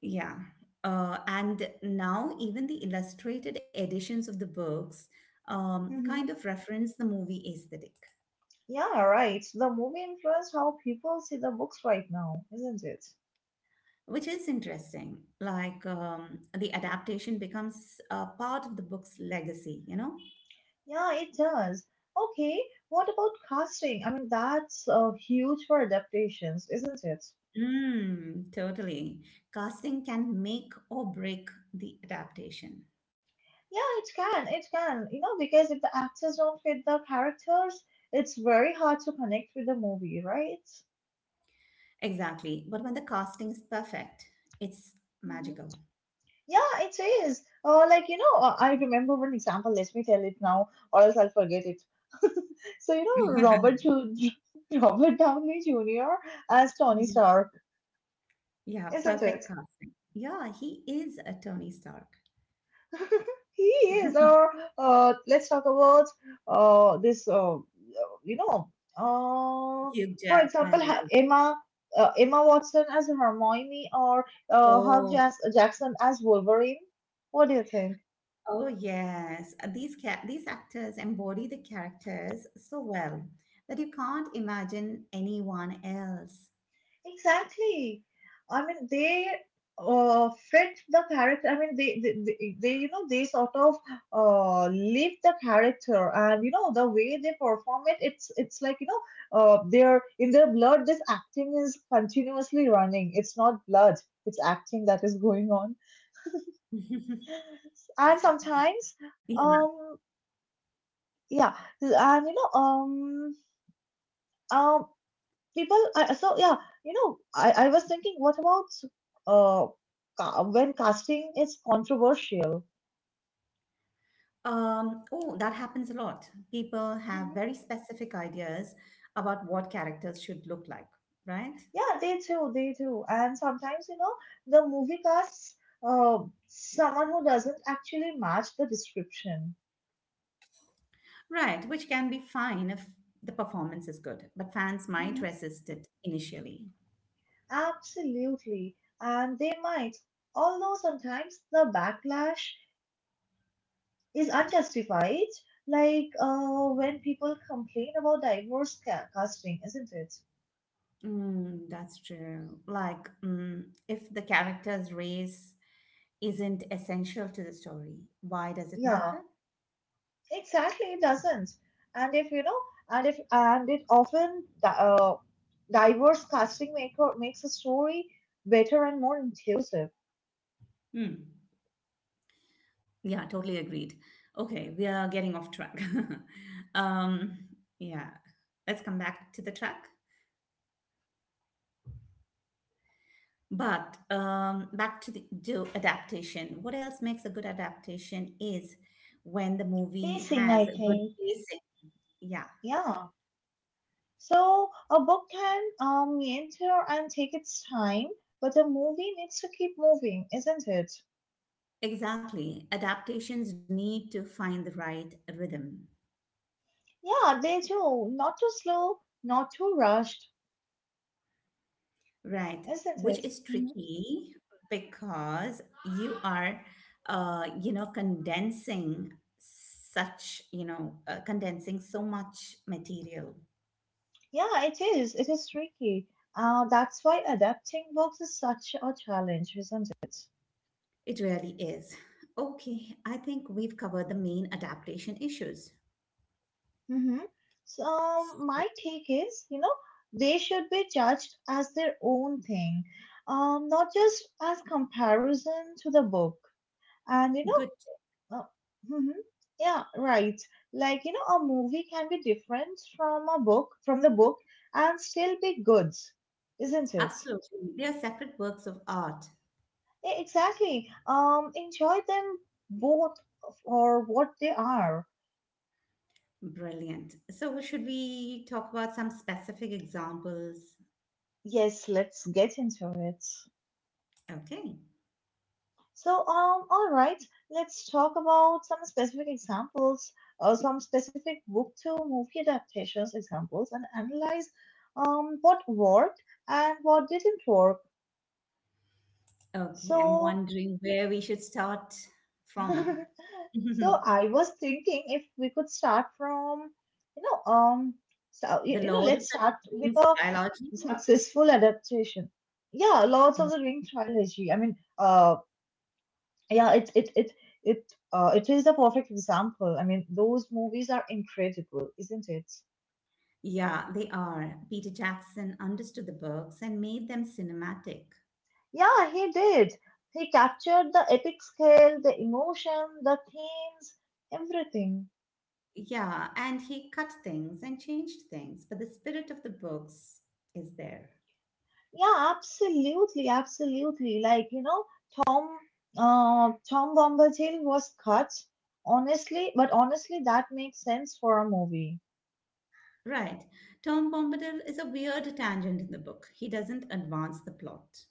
S1: Yeah. And now even the illustrated editions of the books kind
S2: hmm
S1: of reference the movie aesthetic.
S2: Yeah, right. The movie influenced how people see the books right now, isn't it?
S1: Which is interesting. Like the adaptation becomes a part of the book's legacy, you know?
S2: Yeah, it does. Okay, what about casting? I mean, that's huge for adaptations, isn't it?
S1: Totally. Casting can make or break the adaptation.
S2: Yeah, it can. It can. You know, because if the actors don't fit the characters, it's very hard to connect with the movie, right?
S1: Exactly. But when the casting is perfect, it's magical.
S2: Yeah, it is. I remember one example. Let me tell it now, or else I'll forget it. *laughs* So, you know,
S1: *laughs*
S2: Robert, Ju- *laughs* Robert Downey Jr. as Tony
S1: Mhm.
S2: Stark,
S1: Yeah,
S2: isn't it?
S1: perfect casting. Yeah, he is a Tony Stark.
S2: *laughs* He is.
S1: *laughs*
S2: Or let's talk about uh, this, uh, you know, uh,
S1: Hugh
S2: for example,
S1: Jackman. Like,
S2: Emma. Emma Watson as Hermione or
S1: Oh,
S2: Jackson as Wolverine. What do you think?
S1: oh yes, these actors embody the characters so well that you can't imagine anyone else.
S2: Exactly. I mean, they fit the character. I mean, they, you know, they sort of live the character, and you know, the way they perform it, it's like they're in their blood. This acting is continuously running. It's not blood. It's acting that is going on, and
S1: Yeah.
S2: sometimes, um, yeah, and Um, people I, so yeah you know I was thinking what about uh when casting is controversial.
S1: Oh, that happens a lot. People have
S2: Mhm.
S1: very specific ideas about what characters should look like, right?
S2: Yeah, they do, they do, and sometimes, you know, the movie casts uh, someone who doesn't actually match the description.
S1: Right, which can be fine if the performance is good, but fans might
S2: Mhm.
S1: resist it initially.
S2: Absolutely, and they might, although sometimes the backlash is unjustified, like when people complain about diverse casting, isn't it?
S1: Mm, that's true. Like, mm, If the character's race isn't essential to the story, why does it matter?
S2: Yeah, exactly, it doesn't. And if you know, and if and it often diverse casting maker makes a story better and more inclusive.
S1: Hmm. Yeah, totally agreed. Okay, we are getting off track. *laughs* um, yeah, let's come back to the track. But back to the to adaptation. What else makes a good adaptation is when the movie
S2: Pacing, I
S1: has a good
S2: think.
S1: pacing. Yeah,
S2: Yeah. So a book can meander and take its time, but a movie needs to keep moving, isn't it?
S1: exactly. Adaptations need to find the right rhythm.
S2: Yeah, they do. Not too slow, not too rushed,
S1: Right, which
S2: isn't
S1: is
S2: it? Mhm.
S1: tricky because you are condensing so much material.
S2: Yeah, it is. It is tricky. That's why adapting books is such a challenge, isn't it?
S1: It really is. Okay, I think we've covered the main adaptation issues.
S2: Hmm. My take is, you know, they should be judged as their own thing, not just as comparison to the book. And
S1: Good,
S2: uh, mhm, yeah, right. Like, you know, a movie can be different from the book, and still be good, isn't it?
S1: absolutely. They are separate works of art.
S2: Exactly. Enjoy them both for what they are.
S1: Brilliant. So, should we talk about some specific examples?
S2: Yes, let's get into it.
S1: Okay.
S2: All right, let's talk about some specific examples, some specific book to movie adaptations examples, and analyze what worked and what didn't work.
S1: Okay, I'm
S2: So,
S1: wondering where we should start from.
S2: *laughs*
S1: *laughs*
S2: I was thinking if we could start from, you know, um,
S1: The Lord of
S2: let's
S1: the
S2: start with
S1: Rings
S2: a
S1: trilogy?
S2: successful adaptation. Yeah, Lords of the Ring trilogy. I mean, yeah it is the perfect example. I mean those movies are incredible, isn't it?
S1: Yeah, they are. Peter Jackson understood the books and made them cinematic.
S2: Yeah, he did. He captured the epic scale, the emotion, the themes, everything.
S1: Yeah, and he cut things and changed things, but the spirit of the books is there.
S2: Yeah, absolutely. Tom Tom Bombadil was cut. Honestly, that makes sense for a movie.
S1: Right. Tom Bombadil is a weird tangent in the book. He doesn't advance the plot.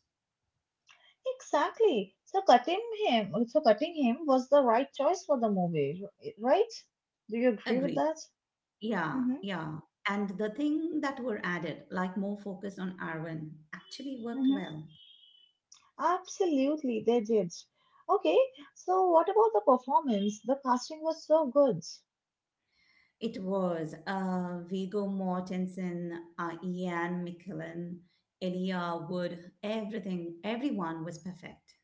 S2: Exactly. So cutting him was the right choice for the movie, right? Do you agree with
S1: Agreed.
S2: that?
S1: Yeah,
S2: Mm-hmm.
S1: yeah. And the thing that were added, like more focus on Arwen, actually worked
S2: Mm-hmm.
S1: well.
S2: Absolutely, they did. Okay, so what about the performance? The casting was so good.
S1: It was Viggo Mortensen, Ian McKellen, Elia Wood, everything, everyone was perfect.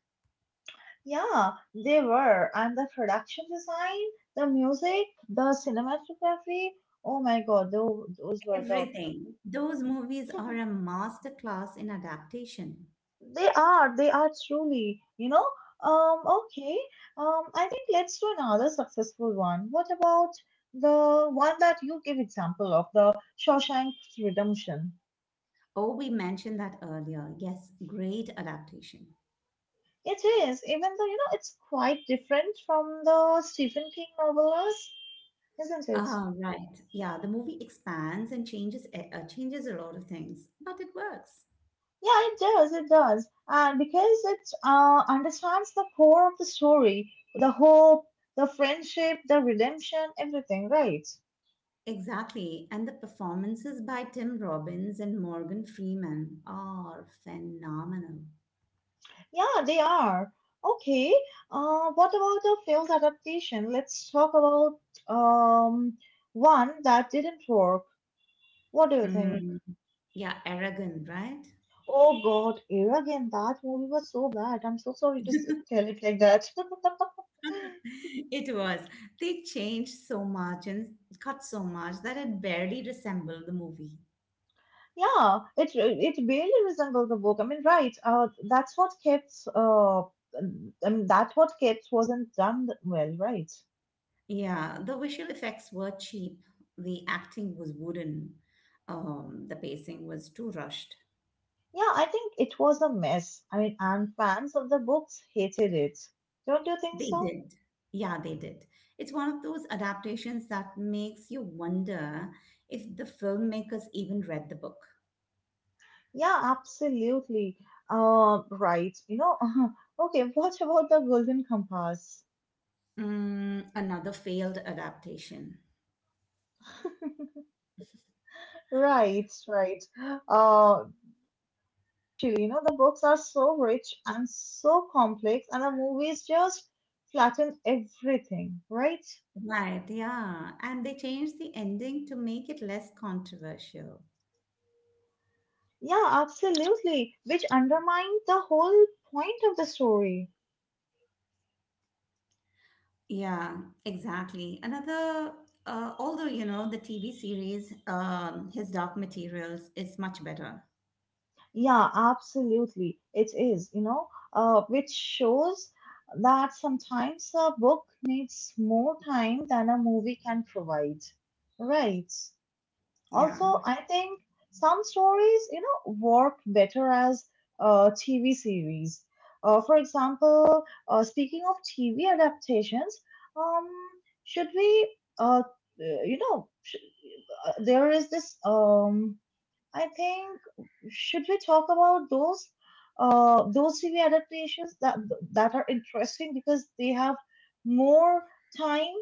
S2: Yeah, they were. And the production design, the music, the cinematography. Oh my God, those were the...
S1: Everything. Those movies are a masterclass in adaptation.
S2: They are truly, you know. Okay. I think let's do another successful one. What about the one that you give example of, the Shawshank Redemption?
S1: Oh, we mentioned that earlier. Yes, great adaptation.
S2: It is, even though, you know, it's quite different from the Stephen King novellas, isn't it?
S1: Ah, right. Yeah, the movie expands and changes a lot of things, but it works.
S2: Yeah, it does, it does. And because it understands the core of the story, the hope, the friendship, the redemption, everything, right?
S1: Exactly, and the performances by Tim Robbins and Morgan Freeman are phenomenal.
S2: Yeah, they are. Okay. What about the failed adaptation? Let's talk about um one that didn't work. What do you think?
S1: Mm. Yeah, arrogant, right?
S2: Oh God, here again, that movie was so bad. I'm so sorry to
S1: *laughs*
S2: tell it like that. *laughs*
S1: It was. They changed so much and cut so much that it barely resembled the movie.
S2: Yeah, it barely resembles the book. I mean, right? That's what kept. I mean, that what kept wasn't done well, right?
S1: Yeah, the visual effects were cheap. The acting was wooden. The pacing was too rushed.
S2: Yeah, I think it was a mess. I mean, and fans of the books hated it. Don't you think
S1: They
S2: so?
S1: did. Yeah, they did. It's one of those adaptations that makes you wonder if the filmmakers even read the book.
S2: Yeah, absolutely. Right. You know, *laughs* okay, what about the Golden Compass?
S1: Mm, another failed adaptation.
S2: Right, right. Uh, Actually, you know, the books are so rich and so complex, and the movies just flatten everything, right?
S1: Right, yeah. And they changed the ending to make it less controversial.
S2: Yeah, absolutely, which undermined the whole point of the story.
S1: Yeah, exactly. Although, you know, the TV series, His Dark Materials is much better.
S2: Yeah, absolutely. It is, you know, which shows that sometimes a book needs more time than a movie can provide. Right.
S1: Yeah.
S2: Also, I think some stories, you know, work better as TV series. Uh, for example, speaking of TV adaptations, um, should we, you know, sh- there is this I think should we talk about those TV adaptations that are interesting because they have more time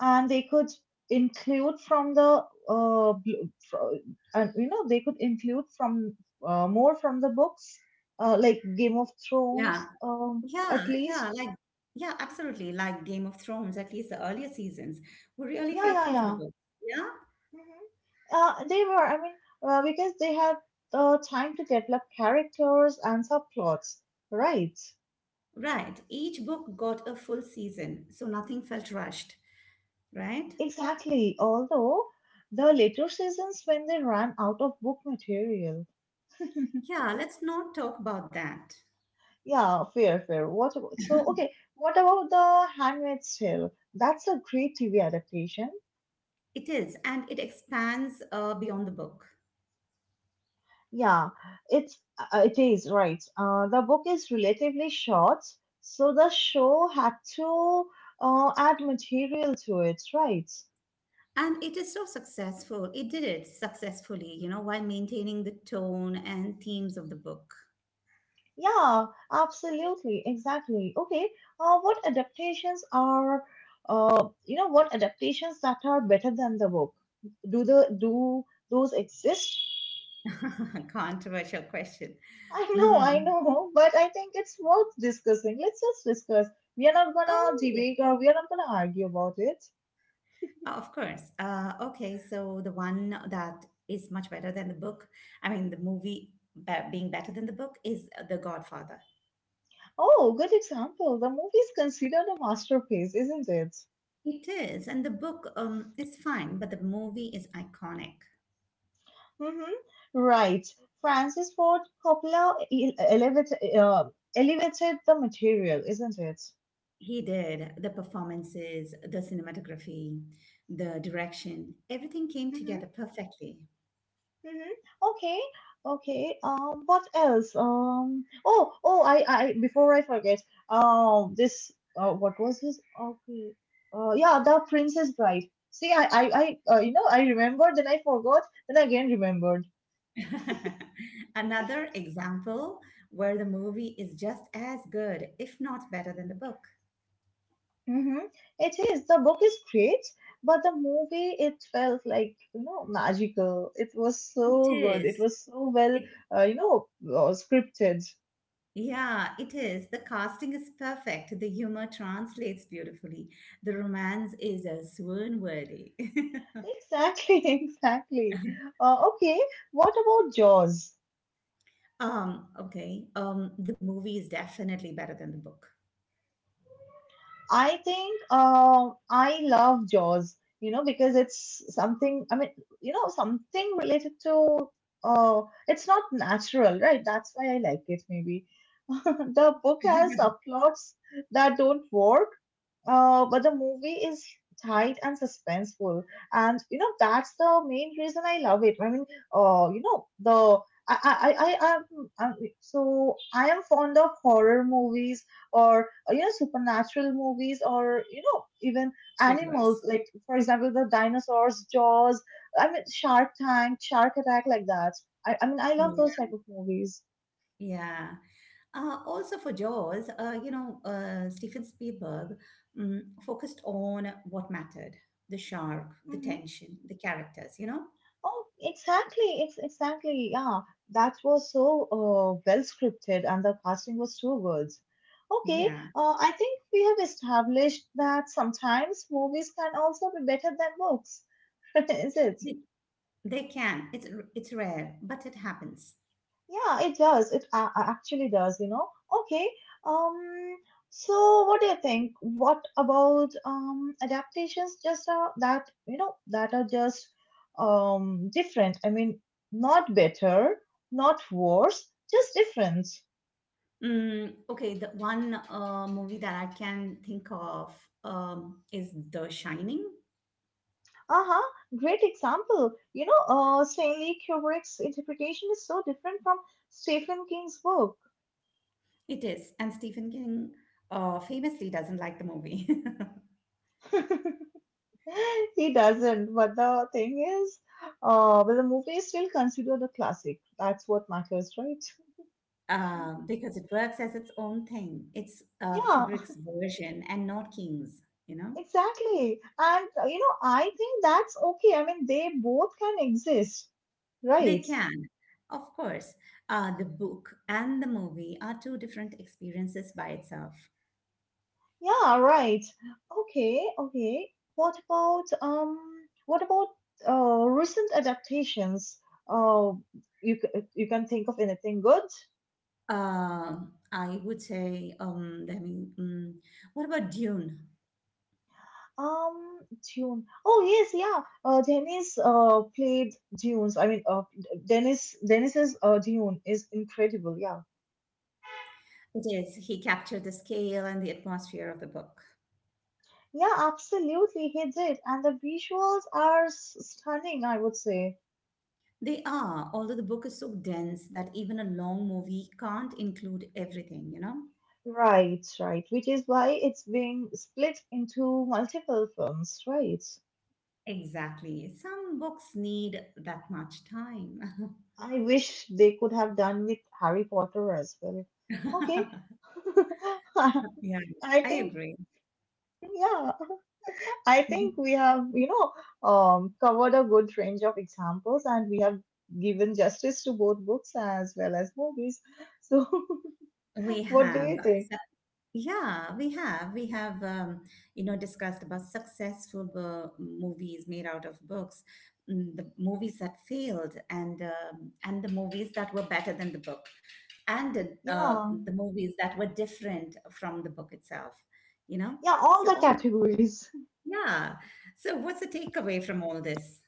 S2: and they could include from the bl- fro- and you know they could include from more from the books, like Game of Thrones,
S1: Yeah. Yeah,
S2: at
S1: yeah,
S2: least.
S1: like yeah, absolutely. Like Game of Thrones, at least the earlier seasons were really
S2: yeah yeah
S1: faithful to the
S2: yeah
S1: book. Yeah,
S2: Hmm, they were. I mean, because they had time to develop characters and subplots, right?
S1: right. Each book got a full season, so nothing felt rushed, right?
S2: Exactly. Although the later seasons when they ran out of book material.
S1: Yeah, let's not talk about that.
S2: Yeah, fair, fair. What about, so okay, what about the Handmaid's Tale? That's a great TV adaptation.
S1: It is, and it expands beyond the book.
S2: Yeah, it's it is, right. The book is relatively short, so the show had to add material to it, right?
S1: And it is so successful. It did it successfully, you know, while maintaining the tone and themes of the book.
S2: Yeah, absolutely, exactly. Okay, what adaptations are, what adaptations that are better than the book? Do the do those exist?
S1: *laughs* Controversial question.
S2: I
S1: Mm.
S2: know, *laughs* but I think it's worth discussing. Let's just discuss. We are not gonna
S1: Oh, yes.
S2: debate or we are not gonna argue about it.
S1: Oh, of course. Okay, so the one that is much better than the book, I mean, the movie being better than the book is The Godfather.
S2: Oh, good example. The movie is considered a masterpiece, isn't it?
S1: It is, and the book is fine, but the movie is iconic.
S2: Mhm. Right. Francis Ford Coppola elevated, elevated the material, isn't it?
S1: He did the performances, the cinematography, the direction, everything came
S2: Mm-hmm.
S1: together perfectly.
S2: Mm-hmm. Okay. Okay. What else? Oh. Oh. I. I. Before I forget. This. What was his? Okay. Yeah. The Princess Bride. See. I. I. I. You know. I remembered. Then I forgot. Then again remembered.
S1: *laughs* Another example where the movie is just as good, if not better than the book.
S2: Mm-hmm. It is. The book is great, but the movie, it felt like, you know, magical. It was
S1: It
S2: so good. It
S1: is.
S2: was so well,
S1: It
S2: scripted.
S1: Yeah, it is. The casting is perfect. The humor translates beautifully. The romance is a swoon worthy. *laughs*
S2: Exactly, *laughs* exactly. Okay, what about Jaws?
S1: Okay. The movie is definitely better than the book.
S2: I think I love Jaws, you know, because it's something, I mean, you know, something related to, uh, it's not natural, right? That's why I like it, maybe. *laughs* The book has subplots that don't work, but the movie is tight and suspenseful, and you know that's the main reason I love it. I mean, you know the I I I I am I'm, I am fond of horror movies or you know, supernatural movies, or you know, even
S1: Thrillers.
S2: animals like, for example, the dinosaurs, Jaws. I mean, Shark Tank, Shark Attack, like that. I mean, I love
S1: Yeah.
S2: those type of movies.
S1: Yeah. Also for Jaws, Steven Spielberg focused on what mattered: the shark, the tension, the characters. You know,
S2: Oh, exactly. It's exactly. Yeah, that was so well scripted, and the casting was too good. Okay,
S1: yeah,
S2: I think we have established that sometimes movies can also be better than books, *laughs* is it?
S1: they, they can. It's rare, but it happens.
S2: Yeah, it does. It actually does, you know. Okay. Um, what do you think? What about adaptations just that, you know, that are just different. I mean, not better, not worse, just different.
S1: Okay, the one movie that I can think of is The Shining.
S2: Uh-huh. Great example. You know, Stanley Kubrick's interpretation is so different from Stephen King's work.
S1: It is, and Stephen King famously doesn't like the movie. *laughs*
S2: *laughs* *laughs* He doesn't. But the thing is, but the movie is still considered a classic. That's what matters, right? *laughs*
S1: Because it works as its own thing. It's
S2: Yeah,
S1: Kubrick's version and not King's, you know?
S2: exactly. And you know, I think that's okay. I mean, they both can exist,
S1: They
S2: right?
S1: can. Of course, the book and the movie are two different experiences by itself.
S2: Yeah, right. Okay, okay. What about recent adaptations? Uh, you you can think of anything good?
S1: I would say, I mean, mm, What about Dune?
S2: Um, Dune. Oh yes, yeah. Dennis played Dunes. I mean, Dennis's Dune is incredible. Yeah,
S1: It is, he captured the scale and the atmosphere of the book.
S2: yeah, absolutely. He did, and the visuals are stunning, I would say.
S1: They are, although the book is so dense that even a long movie can't include everything, you know?
S2: Right, right. Which is why it's being split into multiple films. Right.
S1: Exactly. Some books need that much time.
S2: I wish they could have done with Harry Potter as well. Okay.
S1: *laughs* Yeah,
S2: *laughs* I
S1: I
S2: think
S1: agree.
S2: yeah. I think
S1: Mhm.
S2: we have, you know, covered a good range of examples, and we have given justice to both books as well as movies. So,
S1: We
S2: *laughs* what do
S1: have,
S2: you
S1: uh,
S2: think?
S1: so- yeah, we have. We have discussed about successful movies made out of books, mm, the movies that failed, and the movies that were better than the book, and uh,
S2: Yeah,
S1: the movies that were different from the book itself. You know,
S2: yeah, all
S1: so
S2: the
S1: all,
S2: categories.
S1: yeah. So what's the takeaway from all this?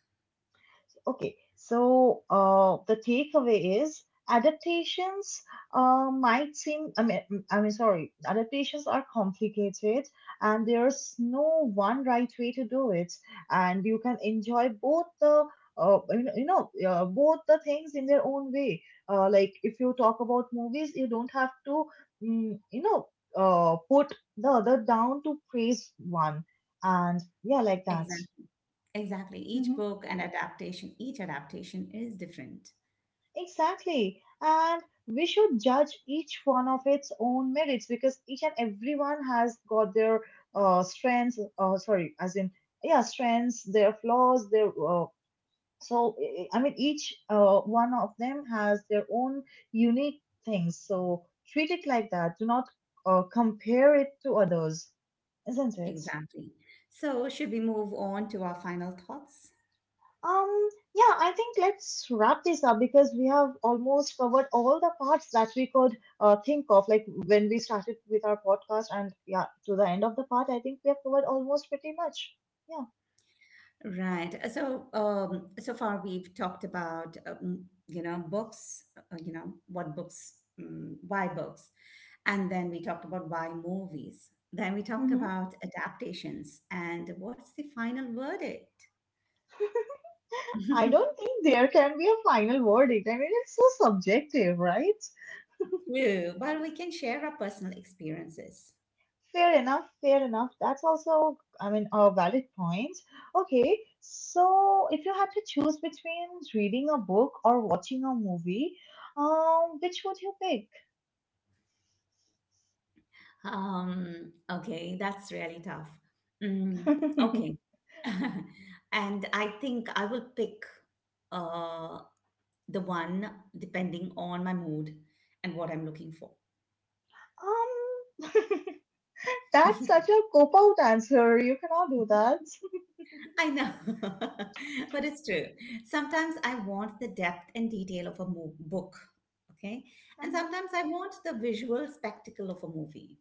S2: Okay, so the takeaway is adaptations might seem, I mean, mm, I mean, sorry, adaptations are complicated, and there's no one right way to do it. And you can enjoy both the, uh, both the things in their own way. Like if you talk about movies, you don't have to, mm, you know, put the other down to praise one. And yeah, like that.
S1: Exactly. Exactly.
S2: Mm-hmm.
S1: Each adaptation is different.
S2: Exactly. And we should judge each one of its own merits because each and everyone has got their strengths, sorry, as in, yeah, strengths, their flaws, their, so, I mean, each one of them has their own unique things. So treat it like that. Do not compare it to others, isn't it?
S1: Exactly. So, should we move on to our final thoughts?
S2: Um, yeah, I think let's wrap this up because we have almost covered all the parts that we could think of, like when we started with our podcast, and yeah, to the end of the part, I think we have covered almost pretty much. Yeah.
S1: Right. So, so far we've talked about, books, why books. And then we talked about why movies. Then we talked
S2: hmm
S1: about adaptations and what's the final verdict?
S2: I
S1: *laughs*
S2: don't think there can be a final verdict. I mean, it's so subjective, right?
S1: True, but we can share our personal experiences.
S2: Fair enough, fair enough. That's also, I mean, a valid point. Okay, so if you had to choose between reading a book or watching a movie, which would you pick?
S1: Okay, that's really tough.
S2: *laughs*
S1: Mm,
S2: um,
S1: okay. *laughs* And I think I will pick uh, the one depending on my mood and what I'm looking for.
S2: *laughs* that's
S1: *laughs*
S2: such a cop out answer. You cannot do that.
S1: I know, *laughs* but it's true. Sometimes I want the depth and detail of a book, okay? And
S2: Mhm.
S1: sometimes I want the visual spectacle of a movie.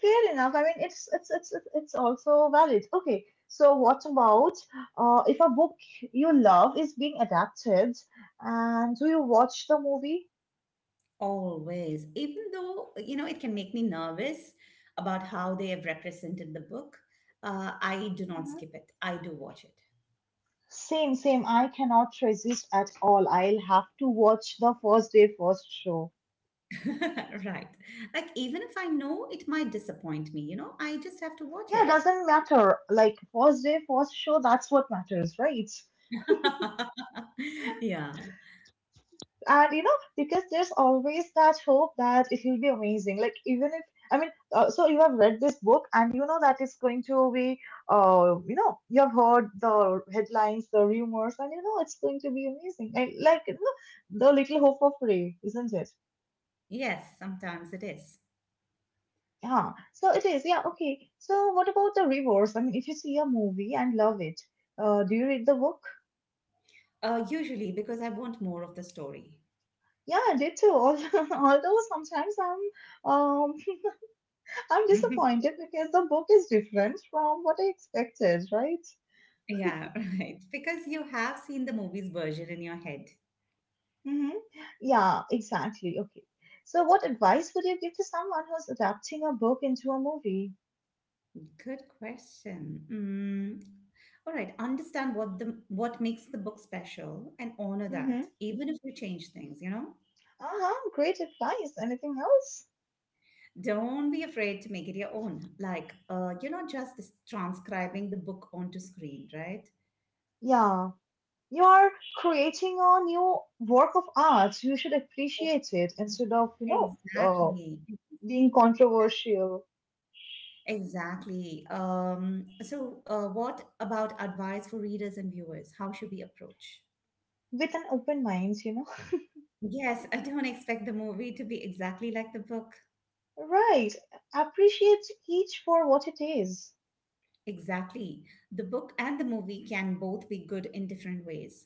S2: Fair enough. I mean, it's also valid. Okay. So what about if a book you love is being adapted, and do you watch the movie?
S1: Always, even though, you know, it can make me nervous about how they have represented the book. I do not
S2: Mhm.
S1: skip it. I do watch it.
S2: Same, same. I cannot resist at all. I'll have to watch the first day, first show.
S1: *laughs* Right. Like, even if I know it might disappoint me, you know, I just have to watch
S2: Yeah, it
S1: it.
S2: doesn't matter. Like, first day, first show, that's what matters, right?
S1: *laughs* Yeah.
S2: And you know, because there's always that hope that it will be amazing, like, even if i mean so you have read this book and you know that it's going to be you know, you have heard the headlines, the rumors, and you know it's going to be amazing, like you know, the little hope of ray, isn't it?
S1: Yes, sometimes it is.
S2: Yeah, so it is. Yeah. Okay, so what about the reverse? I mean, if you see a movie and love it, do you read the book?
S1: Usually because I want more of the story.
S2: Yeah, I did too. *laughs* Although sometimes I'm I'm
S1: *laughs*
S2: disappointed because the book is different from what I expected, right?
S1: Yeah, *laughs* right. Because you have seen the movie's version in your head.
S2: Hmm. Yeah, exactly. Okay. So, what advice would you give to someone who's adapting a book into a movie?
S1: Good question. Mm. All right, understand what the what makes the book special and honor that,
S2: Mm-hmm.
S1: even if you change things, you know?
S2: Uh-huh, great advice. Anything else?
S1: Don't be afraid to make it your own. Like, you're not just transcribing the book onto screen, right?
S2: Yeah. You are creating a new work of art. You should appreciate it instead of, uh,
S1: Exactly,
S2: being controversial
S1: exactly. So, what about advice for readers and viewers? How should we approach?
S2: with an open mind,
S1: Yes, I don't expect the movie to be exactly like the book.
S2: *laughs* Right. Appreciate each for what it is.
S1: Exactly. The book and the movie can both be good in different ways.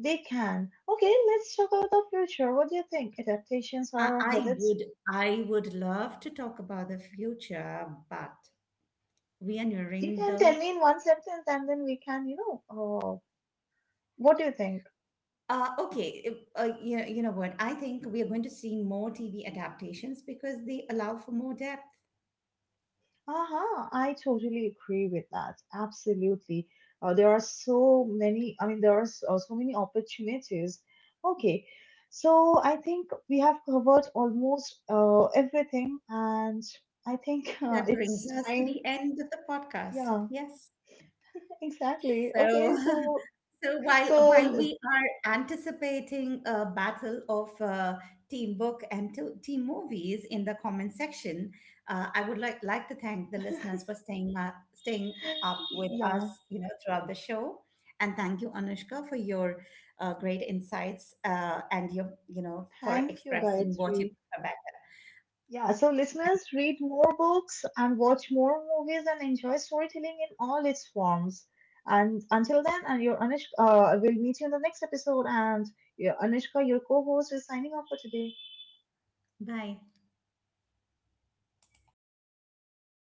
S2: They can. Okay, let's talk about the future. What do you think adaptations
S1: I,
S2: are
S1: I
S2: headed?
S1: would I would love to talk about the future, but we are
S2: You
S1: nearing
S2: can tell
S1: the
S2: me in one sentence and then we can, what do you think?
S1: You know what? I think we are going to see more TV adaptations because they allow for more depth.
S2: Uh-huh, I totally agree with that. Absolutely. There are so many, I mean, there are so, so many opportunities. Okay, so I think we have covered almost everything and I think *laughs*
S1: That brings
S2: it's
S1: us to
S2: time.
S1: the end of the podcast.
S2: Yeah,
S1: Yes.
S2: exactly.
S1: So
S2: Okay,
S1: *laughs*
S2: so
S1: So while
S2: so
S1: we are anticipating a battle of team book and team movies in the comment section, I would like to thank the listeners
S2: *laughs*
S1: for staying up with us,
S2: yeah,
S1: you know, throughout the show, and thank you, Anushka, for your great insights and your for
S2: thank you,
S1: expressing what you
S2: Gayatri.
S1: prefer better.
S2: Yeah, so listeners, read more books and watch more movies and enjoy storytelling in all its forms. And until then, and your Anushka, we'll meet you in the next episode. And yeah, Anushka, your co-host, is signing off for today.
S1: Bye.